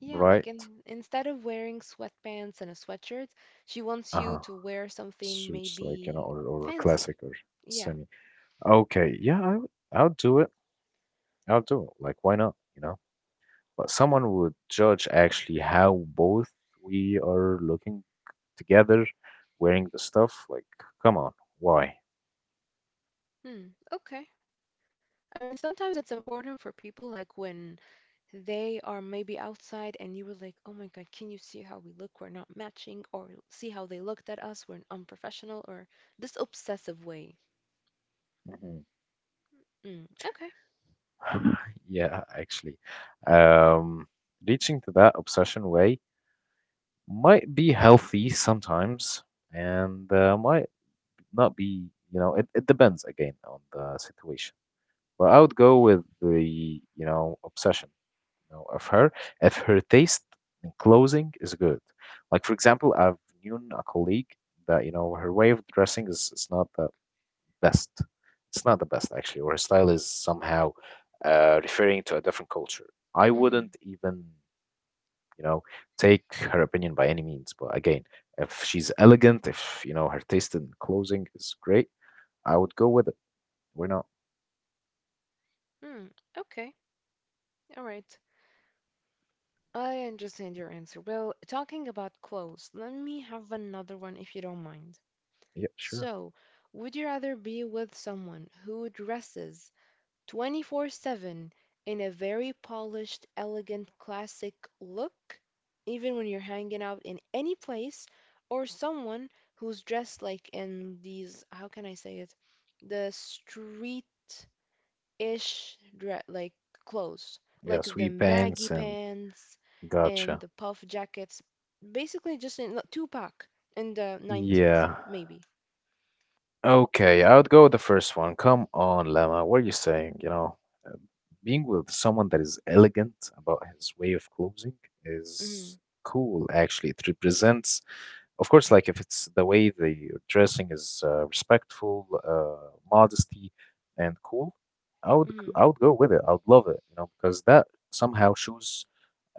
S2: Yeah,
S1: right?
S2: like in, instead of wearing sweatpants and a sweatshirt, she wants you
S1: Uh-huh.
S2: to wear something
S1: Suits like, you know,
S2: maybe
S1: or or
S2: fancy.
S1: classic or
S2: Yeah.
S1: semi. Okay, yeah, I would, I'll do it. I'll do it. Like, why not? You know, but someone would judge actually how both we are looking together, wearing the stuff. Like, come on, why?
S2: Hmm. Okay. I mean, sometimes it's important for people like when they are maybe outside and you were like, oh my God, can you see how we look? We're not matching, or see how they looked at us? We're unprofessional, or this obsessive way.
S1: Mhm.
S2: Mm, okay.
S1: Yeah, actually, um, reaching to that obsession way might be healthy sometimes, and uh, might not be. You know, it, it depends again on the situation. But I would go with the you know obsession. Know, of her if her taste in clothing is good. Like for example, I've known a colleague that you know her way of dressing is, is not the best. It's not the best actually, or her style is somehow uh, referring to a different culture. I
S2: Hmm.
S1: wouldn't even you know take her opinion by any means. But again, if she's elegant, if you know her taste in clothing is great, I would go with it. Why not?
S2: Mm, okay. All right. I understand your answer. Well, talking about clothes, let me have another one if you don't mind.
S1: Yeah, sure.
S2: So, would you rather be with someone who dresses twenty-four seven in a very polished, elegant, classic look, even when you're hanging out in any place, or someone who's dressed like in these, how can I say it, the street ish dre- like clothes,
S1: Yeah,
S2: like the
S1: sweet
S2: baggy
S1: pants and
S2: pants and
S1: gotcha.
S2: the puff jackets, basically just in like Tupac in the nineties,
S1: Yeah.
S2: maybe.
S1: Okay, I would go with the first one. Come on, Lama. What are you saying? You know, uh, being with someone that is elegant about his way of clothing
S2: Mm-hmm.
S1: is cool, actually. It represents, of course, like if it's the way the dressing is uh, respectful, uh, modesty, and cool, I would g-
S2: Mm-hmm.
S1: I would go with it. I would love it, you know, because that somehow shows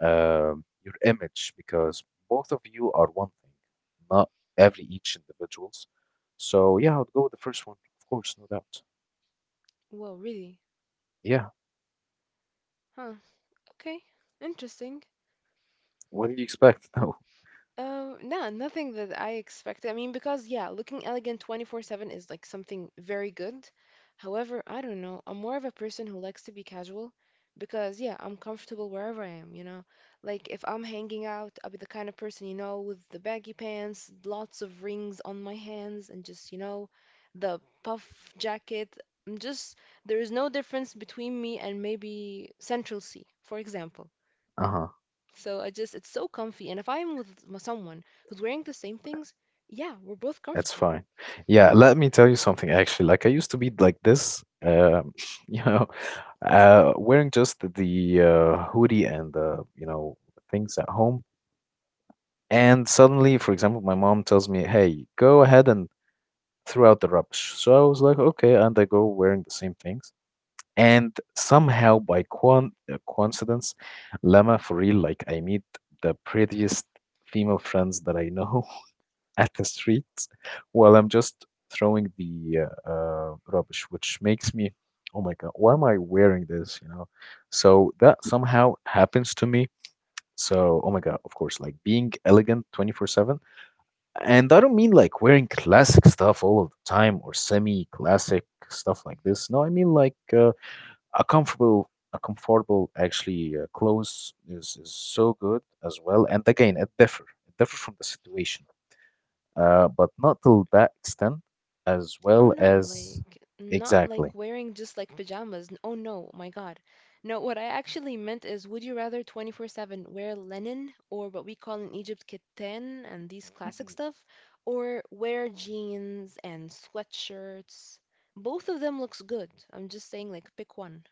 S1: uh, your image because both of you are one thing, not every each individuals. So yeah, I would go with the first one, of course, no doubt.
S2: Well, really?
S1: Yeah,
S2: Huh. Okay. Interesting.
S1: what did you expect? No.
S2: Um, no, nothing that I expected. I mean, because yeah, looking elegant twenty-four seven is like something very good. However, I don't know. I'm more of a person who likes to be casual because yeah, I'm comfortable wherever I am, you know. Like if I'm hanging out, I'll be the kind of person, you know, with the baggy pants, lots of rings on my hands and just, you know, the puff jacket. I'm just there is no difference between me and maybe Central C, for example.
S1: Uh-huh.
S2: So I just it's so comfy. And if I'm with m- someone who's wearing the same things, yeah, we're both
S1: It's
S2: comfortable.
S1: fine. Yeah, let me tell you something actually. Like I used to be like this, um, you know, uh, wearing just the uh, hoodie and the, you know, things at home. And suddenly, for example, my mom tells me, "Hey, go ahead and throughout the rubbish. So I was like, okay, and I go wearing the same things. And somehow, by quan- uh, coincidence, Lama for real, like I meet the prettiest female friends that I know at the street while I'm just throwing the uh, uh, rubbish, which makes me, oh my God, why am I wearing this? You know, so that somehow happens to me. So, oh my God, of course, like being elegant twenty-four seven, and I don't mean like wearing classic stuff all of the time or semi-classic stuff like this. No, I mean like uh, a comfortable, a comfortable actually uh, clothes is, is so good as well. And again, it differ, it differ from the situation, uh, but not till that extent as
S2: Oh
S1: well
S2: no,
S1: as
S2: like not like
S1: exactly.
S2: wearing just like pajamas. N- Oh no, my God. No, what I actually meant is would you rather twenty-four seven wear linen, or what we call in Egypt keten, and these classic
S1: Mhm.
S2: stuff, or wear jeans and sweatshirts? Both of them looks good. I'm just saying like pick one.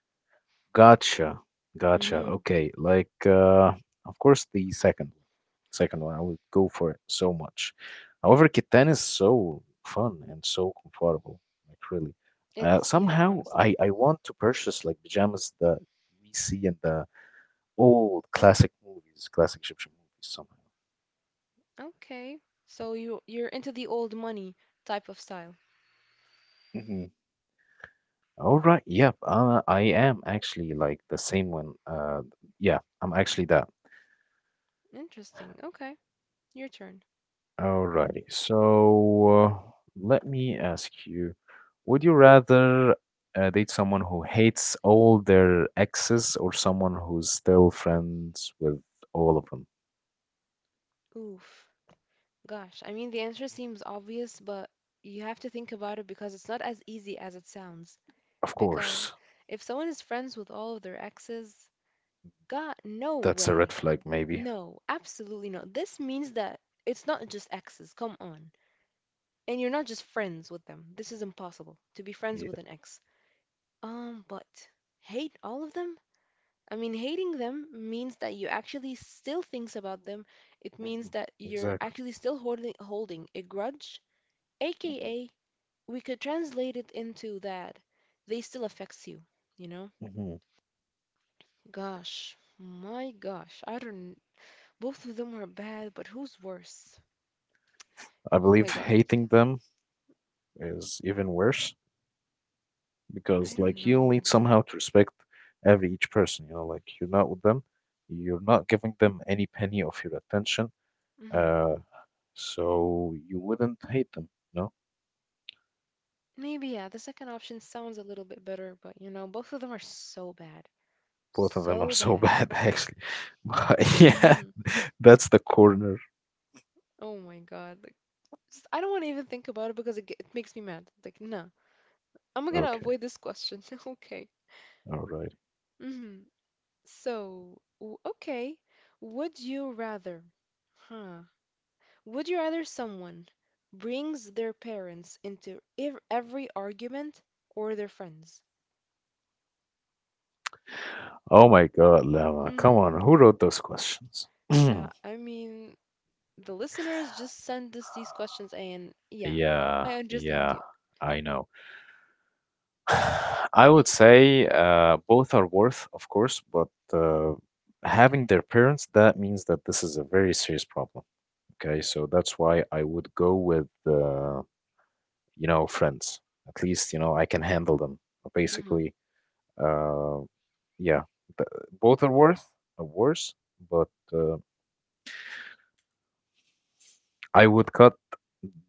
S1: Gotcha. Gotcha.
S2: Hmm.
S1: Okay. Like, uh, of course, the second one. Second one, I would go for it so much. However, Catan is so fun and so comfortable. Like, really. Uh,
S2: It's yeah,
S1: somehow,
S2: honestly.
S1: I, I want to purchase like pajamas that we see in the old classic movies, classic Egyptian movies, somehow.
S2: Okay. So you you're into the old money type of style.
S1: Mm-hmm. All right. Yep. Uh, I am actually like the same one. Uh, yeah, I'm actually that.
S2: Interesting. Okay. Your turn.
S1: Alrighty. So uh, let me ask you, would you rather uh, date someone who hates all their exes or someone who's still friends with all of them?
S2: Oof. Gosh, I mean the answer seems obvious, but you have to think about it because it's not as easy as it sounds.
S1: Of
S2: Because
S1: course,
S2: if someone is friends with all of their exes, God, no
S1: that's a red
S2: way.
S1: flag, maybe.
S2: No, absolutely not. This means that it's not just exes, come on. And you're not just friends with them. This is impossible to be friends
S1: Yeah.
S2: with an ex. Um, but hate all of them? I mean, hating them means that you actually still thinks about them. It means
S1: Mhm.
S2: that you're
S1: Exactly.
S2: actually still holding holding a grudge,
S1: hmm
S2: aka we could translate it into that they still affects you, you know?
S1: hmm
S2: Gosh, my gosh, I don't both of them are bad, but who's worse?
S1: I
S2: Oh
S1: believe
S2: my god,
S1: hating them is even worse
S2: I
S1: because,
S2: don't
S1: like, you'll need
S2: know.
S1: somehow to respect every each person. You know, like you're not with them, you're not giving them any penny of your attention.
S2: Hmm.
S1: Uh, So you wouldn't hate them. No,
S2: Maybe yeah, the second option sounds a little bit better, but you know, both of them are so bad.
S1: both of them are
S2: So
S1: so
S2: bad.
S1: bad, actually. But yeah,
S2: Hmm.
S1: that's the corner.
S2: Oh my god. Like just, I don't want to even think about it because it, ge- it makes me mad. Like, no, I'm gonna
S1: Okay,
S2: avoid this question. Okay.
S1: all right.
S2: Hmm. So, w- okay. Would you rather, huh? Would you rather someone brings their parents into ev- every argument, or their friends?
S1: Oh my God, Lama, come
S2: Hmm.
S1: on. Who wrote those questions?
S2: Uh, I mean, the listeners just send us these questions, and yeah,
S1: yeah,
S2: I understand
S1: yeah,
S2: you.
S1: I know. I would say uh, both are worth, of course, but uh, having their parents, that means that this is a very serious problem. Okay, so that's why I would go with. Uh, you know, friends. At least, you know, I can handle them.
S2: Hmm.
S1: Basically, uh, yeah, th- both are worth are worse, but uh, I would cut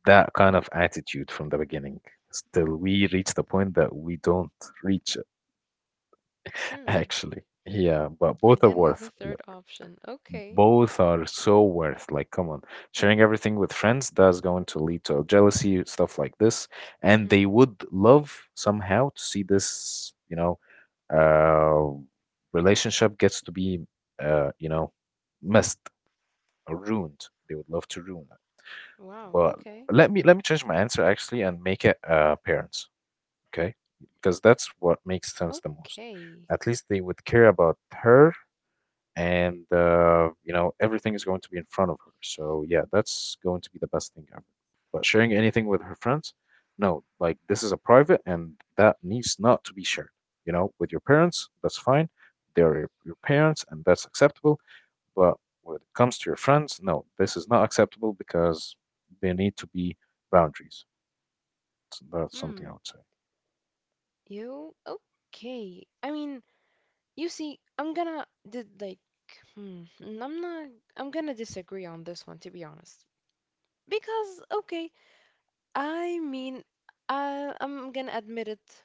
S1: that kind of attitude from the beginning. Still, we reach the point that we don't reach it,
S2: Hmm.
S1: actually. Yeah, but both are
S2: Again with the
S1: worth,
S2: third option. Okay.
S1: both are so worth like come on, sharing everything with friends that's going to lead to jealousy stuff like this, and
S2: Hmm.
S1: they would love somehow to see this, you know, uh relationship gets to be uh, you know, messed or ruined, they would love to ruin it.
S2: Wow.
S1: But
S2: Okay.
S1: let me let me change my answer actually and make it uh, parents, okay, because that's what makes sense the most.
S2: Okay.
S1: At least they would care about her, and uh, you know, everything is going to be in front of her, so yeah, that's going to be the best thing ever. But sharing anything with her friends, no, like this is a private and that needs not to be shared, you know. With your parents, that's fine, they're your, your parents and that's acceptable. But when it comes to your friends, no, this is not acceptable because there need to be boundaries, so that's something I
S2: Hmm.
S1: would say.
S2: You okay? I mean, you see, I'm gonna did like, hmm. n- I'm not. I'm gonna disagree on this one, to be honest. Because okay, I mean, I I'm gonna admit it.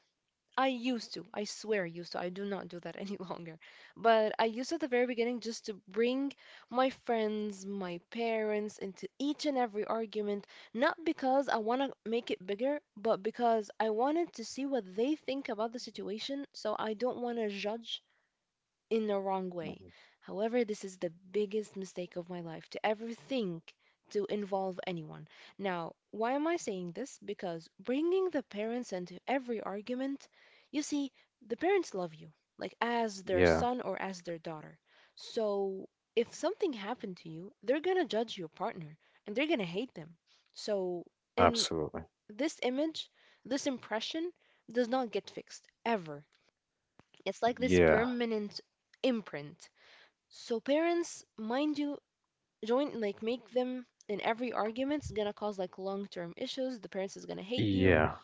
S2: I used to. I swear I used to. I do not do that any longer. But I used to at the very beginning just to bring my friends, my parents into each and every argument, not because I want to make it bigger, but because I wanted to see what they think about the situation. So I don't want to judge in the wrong way.
S1: Mhm.
S2: However, this is the biggest mistake of my life to ever think to involve anyone. Now, why am I saying this? Because bringing the parents into every argument, you see, the parents love you, like as their
S1: Yeah,
S2: son or as their daughter. So, if something happened to you, they're gonna judge your partner and they're gonna hate them. So, and
S1: absolutely.
S2: this image, this impression does not get fixed ever. It's like this
S1: Yeah,
S2: permanent imprint, so parents, mind you, join like make them in every argument. It's gonna cause like long term issues. The parents is gonna hate you,
S1: yeah,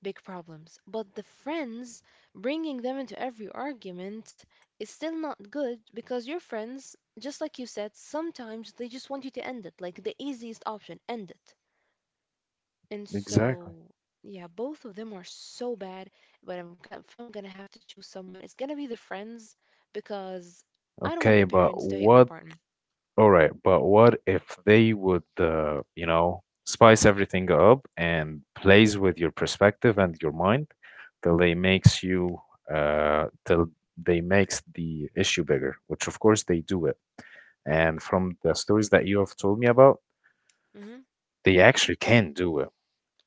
S2: big problems. But the friends bringing them into every argument is still not good because your friends, just like you said, sometimes they just want you to end it, like the easiest option, end it. And
S1: exactly.
S2: so yeah, both of them are so bad. But I'm gonna, if I'm gonna have to choose someone, it's gonna be the friends because I don't want the
S1: Okay, but
S2: parents to hate my
S1: what
S2: partner.
S1: All right, but what if they would, uh, you know, spice everything up and plays with your perspective and your mind till they makes you, uh, till they makes the issue bigger, which of course they do it. And from the stories that you have told me about,
S2: Hmm.
S1: they actually can do it.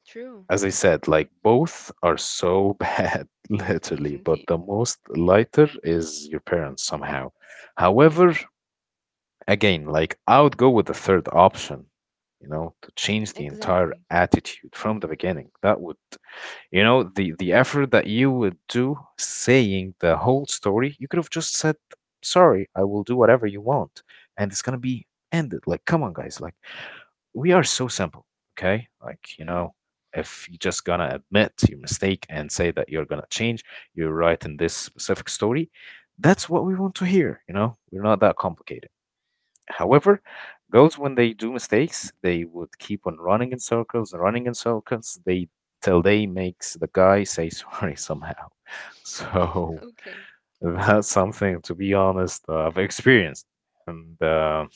S2: True.
S1: As I said, like both are so bad, literally, but
S2: Indeed.
S1: the most lighter is your parents somehow. However, again, like I would go with the third option, you know, to change the entire
S2: Exactly.
S1: attitude from the beginning. That would, you know, the the effort that you would do saying the whole story, you could have just said, "Sorry, I will do whatever you want," and it's gonna be ended. Like, come on, guys, like we are so simple, okay? Like, you
S2: Hmm.
S1: know, if you're just gonna admit your mistake and say that you're gonna change, you're right in this specific story, that's what we want to hear, you know? We're not that complicated. However, girls, when they do mistakes, they would keep on running in circles, running in circles. They Till they makes the guy say sorry somehow. So
S2: Okay.
S1: that's something, to be honest, uh, I've experienced and uh,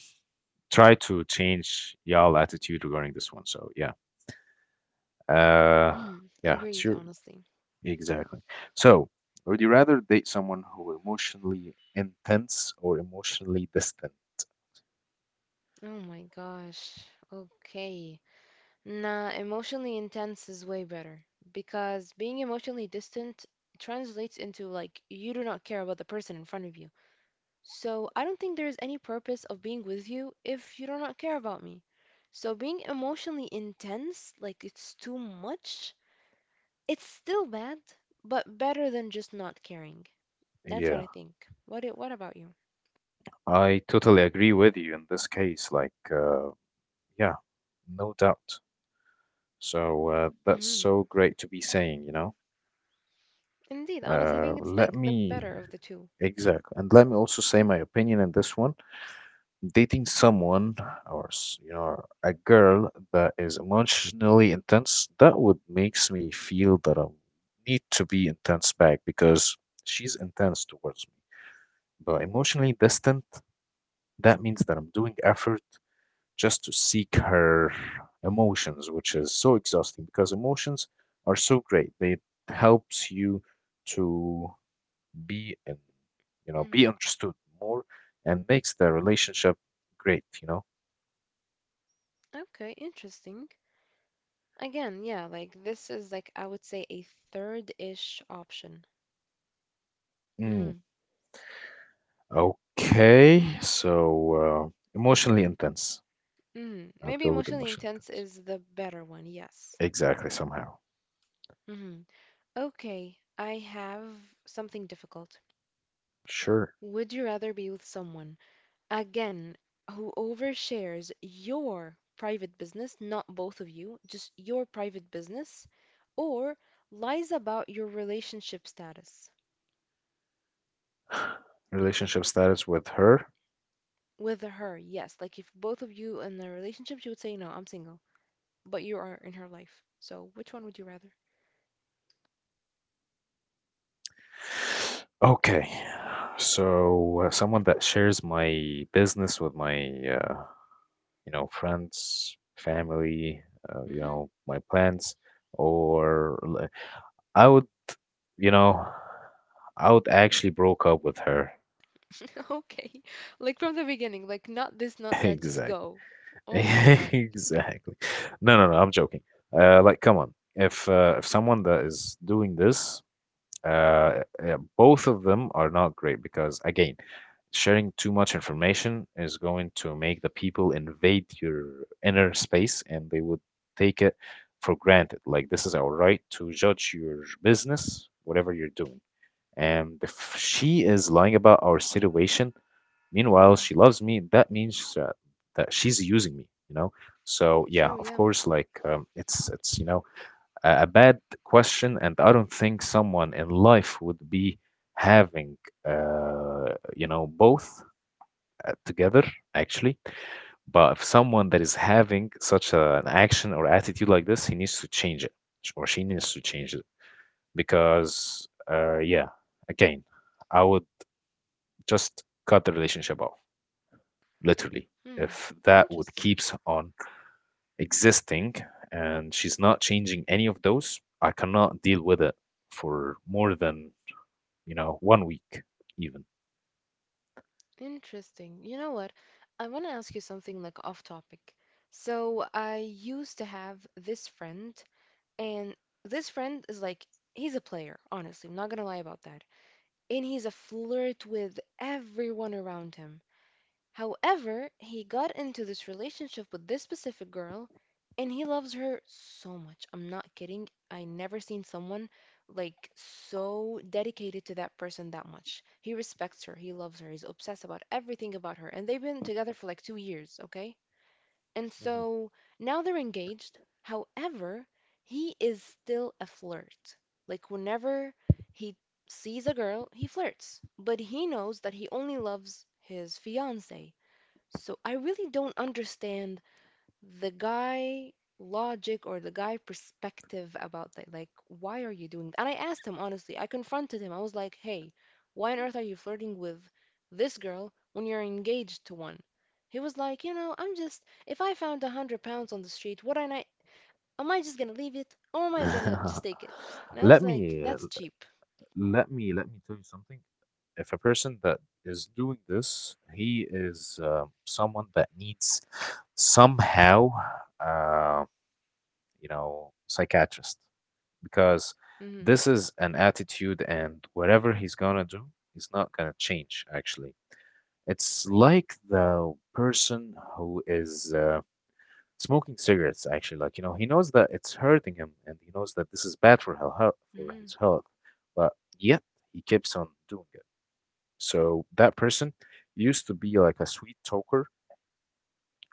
S1: try to change y'all attitude regarding this one. So yeah, uh,
S2: Mm,
S1: yeah,
S2: agreed,
S1: sure,
S2: honestly.
S1: exactly. So would you rather date someone who emotionally intense or emotionally distant?
S2: Oh my gosh. Okay. Nah, emotionally intense is way better because being emotionally distant translates into like you do not care about the person in front of you. So I don't think there is any purpose of being with you if you do not care about me. So being emotionally intense, like it's too much, it's still bad, but better than just not caring. That's what
S1: Yeah.
S2: I think. What it, what about you?
S1: I totally agree with you in this case. Like, uh, yeah, no doubt. So uh, that's
S2: Hmm.
S1: so great to be saying, you know.
S2: Indeed, honestly, I
S1: Uh,
S2: think it's
S1: let
S2: like the
S1: me,
S2: better of the two.
S1: exactly. And let me also say my opinion in this one. Dating someone or, s- you know, a girl that is emotionally intense, that would makes me feel that I need to be intense back because she's intense towards me. But emotionally distant, that means that I'm doing effort just to seek her emotions, which is so exhausting because emotions are so great. They helps you to be in, you know,
S2: Hmm.
S1: be understood more and makes the relationship great, you know.
S2: Okay, interesting. Again, yeah, like this is like I would say a third-ish option.
S1: Mm.
S2: Hmm.
S1: Okay, so uh,
S2: Oh,
S1: emotionally intense.
S2: mm.
S1: I'd
S2: Maybe
S1: go with
S2: emotionally
S1: emotionally
S2: intense
S1: intense.
S2: is the better one. Yes.
S1: Exactly, somehow.
S2: Hmm. Okay, I have something difficult.
S1: Sure.
S2: Would you rather be with someone? Again, whoever shares your private business, not both of you, just your private business, or lies about your relationship status
S1: Relationship status with her.
S2: with her. Yes, like if both of you in a relationship, she would say, "No, I'm single," but you are in her life. So which one would you rather?
S1: Okay. So, uh, someone that shares my business with my, uh, you know, friends, family, uh, you
S2: Hmm.
S1: know, my plans, or li- I would, you know, I would actually broke up with her.
S2: Okay. Like from the beginning, like not this, not that, just
S1: Exactly.
S2: go. Oh my God.
S1: Exactly. No, no, no, I'm joking. Uh, like, come on. If uh, if someone that is doing this. Uh, yeah, both of them are not great because, again, sharing too much information is going to make the people invade your inner space, and they would take it for granted. Like, this is our right to judge your business, whatever you're doing. And if she is lying about our situation, meanwhile,
S2: Hmm.
S1: she loves me, that means that, that she's using me, you know? So yeah,
S2: True,
S1: of
S2: yeah.
S1: course, like um, it's it's you know a, a bad question, and I don't think someone in life would be having, uh, you know, both uh, together actually. But if someone that is having such a, an action or attitude like this, he needs to change it, sh- or she needs to change it, because, uh, yeah, again, I would just cut the relationship off, literally.
S2: Hmm.
S1: If that would
S2: Interesting.
S1: keeps on existing and she's not changing any of those, I cannot deal with it for more than you know, one week even.
S2: Interesting. You know what? I want to ask you something like off topic. So I used to have this friend, and this friend is like, he's a player, honestly. I'm not gonna lie about that. And he's a flirt with everyone around him. However, he got into this relationship with this specific girl and he loves her so much. I'm not kidding. I never seen someone like so dedicated to that person that much. He respects her, he loves her, he's obsessed about everything about her. And they've been together for like two years, okay? And
S1: Mhm.
S2: so now they're engaged. However, he is still a flirt. Like, whenever he sees a girl, he flirts. But he knows that he only loves his fiance. So I really don't understand the guy logic or the guy perspective about that. Like, why are you doing that? And I asked him honestly. I confronted him. I was like, "Hey, why on earth are you flirting with this girl when you're engaged to one?" He was like, "You know, I'm just, if I found a hundred pounds on the street, would I not? Am I just gonna leave it, or am I gonna just take it?" And I was
S1: let
S2: like,
S1: me uh,
S2: "That's cheap."
S1: let me let me tell you something. If a person that is doing this, he is uh, someone that needs somehow, uh, you know, psychiatrist, because
S2: Mm-hmm.
S1: this is an attitude, and whatever he's gonna do, he's not gonna change. Actually, it's like the person who is. Uh, smoking cigarettes, actually, like you know he knows that it's hurting him, and he knows that this is bad for hel- health for
S2: Mm-hmm.
S1: his health, but yet he keeps on doing it. So that person used to be like a sweet talker,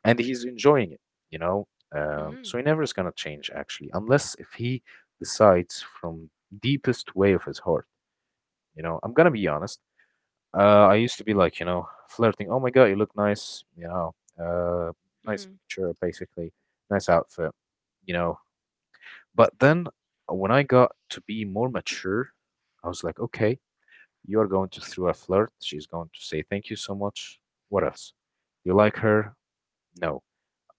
S1: and he's enjoying it you know um,
S2: Mm-hmm.
S1: so he never is going to change, actually, unless if he decides from deepest way of his heart you know I'm going to be honest. uh, I used to be like you know flirting, oh my god, you look nice you know uh, Nice
S2: Mm-hmm.
S1: picture, basically. Nice outfit you know But then uh, when I got to be more mature, I was like, okay, you are going to through a flirt. She's going to say thank you so much. What else? You like her? No.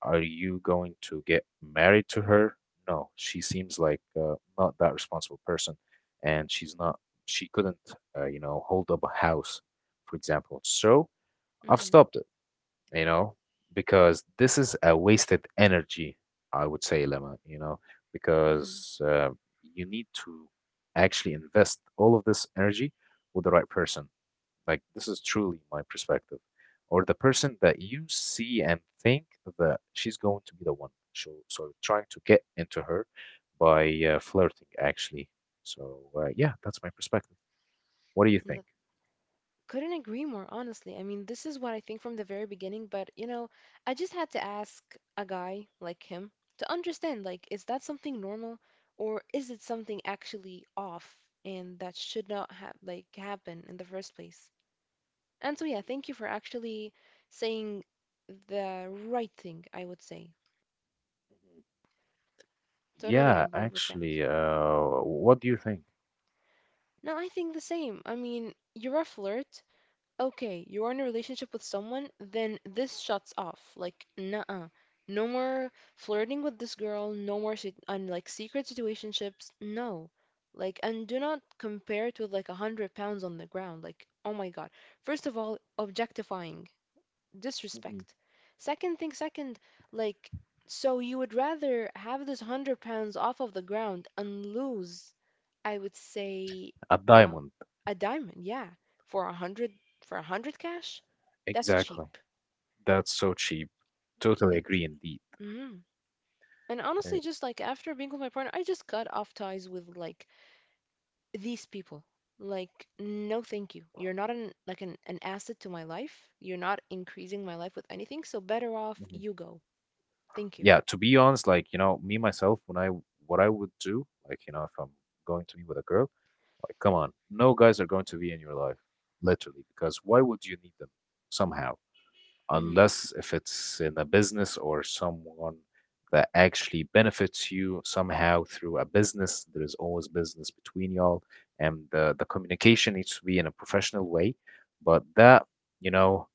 S1: Are you going to get married to her? No. She seems like uh, not that responsible person, and she's not. She couldn't, uh, you know, hold up a house, for example. So I've
S2: Mm-hmm.
S1: stopped it you know, because this is a wasted energy, I would say, Lemma, you know,
S2: Mm-hmm.
S1: because uh, you need to actually invest all of this energy with the right person. Like, this is truly my perspective, or the person that you see and think that she's going to be the one. So, so trying to get into her by uh, flirting, actually. So, uh, yeah, that's my perspective. What do you think?
S2: Couldn't agree more, honestly. I mean, this is what I think from the very beginning, but you know, I just had to ask a guy like him to understand, like, is that something normal or is it something actually off and that should not have like happen in the first place? And so yeah, thank you for actually saying the right thing, I would say.
S1: Mhm.
S2: Totally
S1: Yeah,
S2: agree with that.
S1: actually, uh, what do you think?
S2: No, I think the same. I mean, you're a flirt, okay, you're in a relationship with someone, then this shuts off. Like, nuh-uh. No more flirting with this girl, no more sit- and like secret situationships. No. Like, and do not compare it with like a hundred pounds on the ground. Like, oh my God. First of all, objectifying, disrespect. Second thing, second, like, so you would rather have this hundred pounds off of the ground and lose, I would say,
S1: A
S2: uh,
S1: diamond,
S2: a diamond, yeah, for a hundred for a hundred cash, that's cheap.
S1: exactly. That's so cheap. Totally
S2: Like,
S1: agree indeed.
S2: mm. And
S1: Uh,
S2: honestly, just like after being with my partner, I just cut off ties with like these people. Like, no, thank you. You're not an like an, an asset to my life. You're not increasing my life with anything. So better off
S1: Mhm.
S2: you go. Thank you.
S1: Yeah, to be honest, like, you know, me myself, when I w- what I would do, like, you know, if I'm going to be with a girl, like, come on, no guys are going to be in your life, literally, because why would you need them somehow?
S2: Mm-hmm.
S1: Unless if it's in a business or someone that actually benefits you somehow through a business. There is always business between y'all, and the, the communication needs to be in a professional way. But that, you know,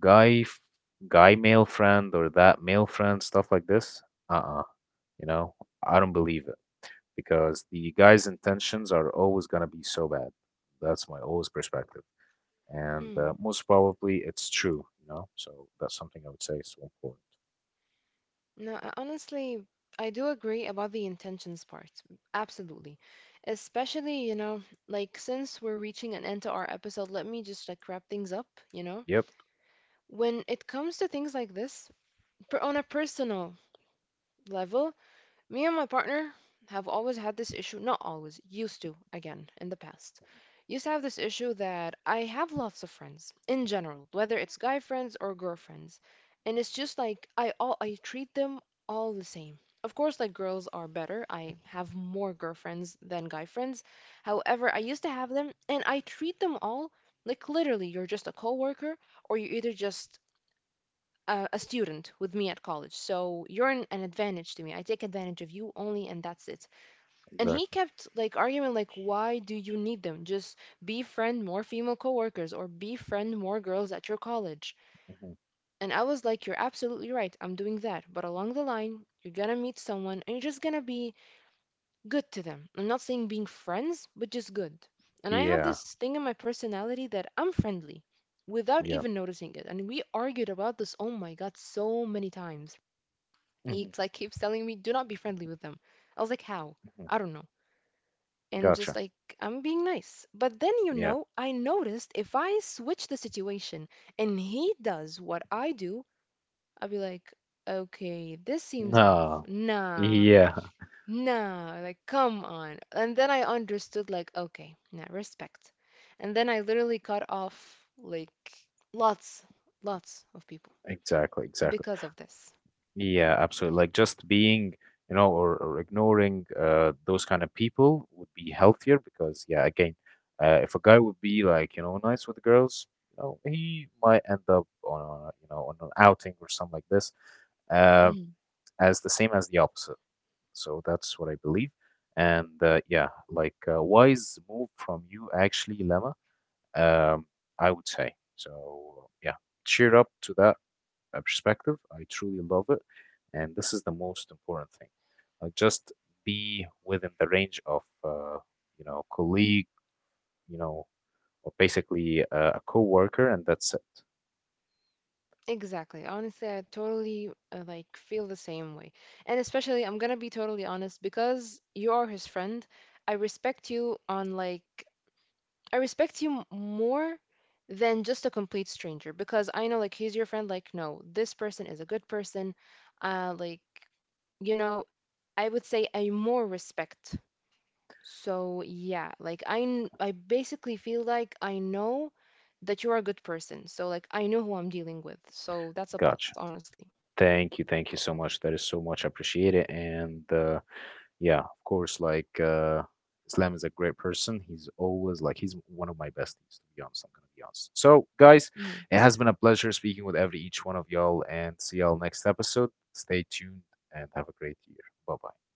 S1: guy, f- guy male friend or that male friend, stuff like this, uh-uh, you know, I don't believe it, because the guy's intentions are always gonna be so bad. That's my always perspective, and
S2: Hmm.
S1: uh, most probably it's true, you know. So that's something I would say is so important.
S2: No, uh, honestly, I do agree about the intentions part. Absolutely. Especially, you know, like since we're reaching an end to our episode, let me just like wrap things up, you know?
S1: Yep,
S2: When it comes to things like this, per- on a personal level, me and my partner have always had this issue, not always, used to, again, in the past. Used to have this issue that I have lots of friends in general, whether it's guy friends or girlfriends. And it's just like I all I treat them all the same. Of course, like girls are better. I have more girlfriends than guy friends. However, I used to have them and I treat them all like literally you're just a coworker or you're either just a, a student with me at college, so you're an, an advantage to me. I take advantage of you only, and that's it. And he
S1: exactly.
S2: kept like arguing, like, why do you need them? Just befriend more female coworkers or befriend more girls at your college.
S1: Hmm.
S2: And I was like, "You're absolutely right, I'm doing that, but along the line you're gonna meet someone and you're just gonna be good to them. I'm not saying being friends, but just good. And I have
S1: Yeah,
S2: this thing in my personality that I'm friendly without
S1: yeah.
S2: even noticing it." And we argued about this, oh my god, so many times. He
S1: Hmm.
S2: like keeps telling me, do not be friendly with them. I was like, how?
S1: Hmm.
S2: I don't know. And just
S1: Gotcha.
S2: like I'm being nice, but then, you
S1: Yeah.
S2: know, I noticed if I switch the situation and he does what I do, I'll be like, okay, this seems off.
S1: No.
S2: Nah.
S1: Yeah.
S2: Nah, like come on. And then I understood, like, okay, nah, respect. And then I literally cut off like lots lots of people
S1: Exactly. Exactly.
S2: because of this.
S1: Yeah. Absolutely. Like just being, you know, or, or ignoring uh, those kind of people would be healthier, because, yeah, again, uh, if a guy would be like, you know, nice with the girls, you know, he might end up on a, you know, on an outing or something like this uh, as the same as the opposite. So that's what I believe. And uh, yeah, like uh, wise move from you, actually, Lemma. Um, I would say so. Yeah, cheer up to that uh, perspective. I truly love it, and this is the most important thing. Like just be within the range of uh, you know colleague, you know, or basically uh, a coworker, and that's it.
S2: Exactly. Honestly, I totally uh, like feel the same way. And especially, I'm gonna be totally honest because you are his friend. I respect you on like I respect you m- more than just a complete stranger because I know like he's your friend. Like, no, this person is a good person. Uh, like, you know, I would say I more respect, so yeah, like I kn- I basically feel like I know that you're a good person. So like I know who I'm dealing with. So that's a plus,
S1: Gotcha.
S2: honestly.
S1: Thank you, thank you so much. That is so much appreciated, and uh, yeah, of course, like uh, Islam is a great person. He's always like he's one of my besties, to be honest. I'm gonna be honest. So, guys, it has been a pleasure speaking with every each one of y'all, and see y'all next episode. Stay tuned and have a great year. Bye bye.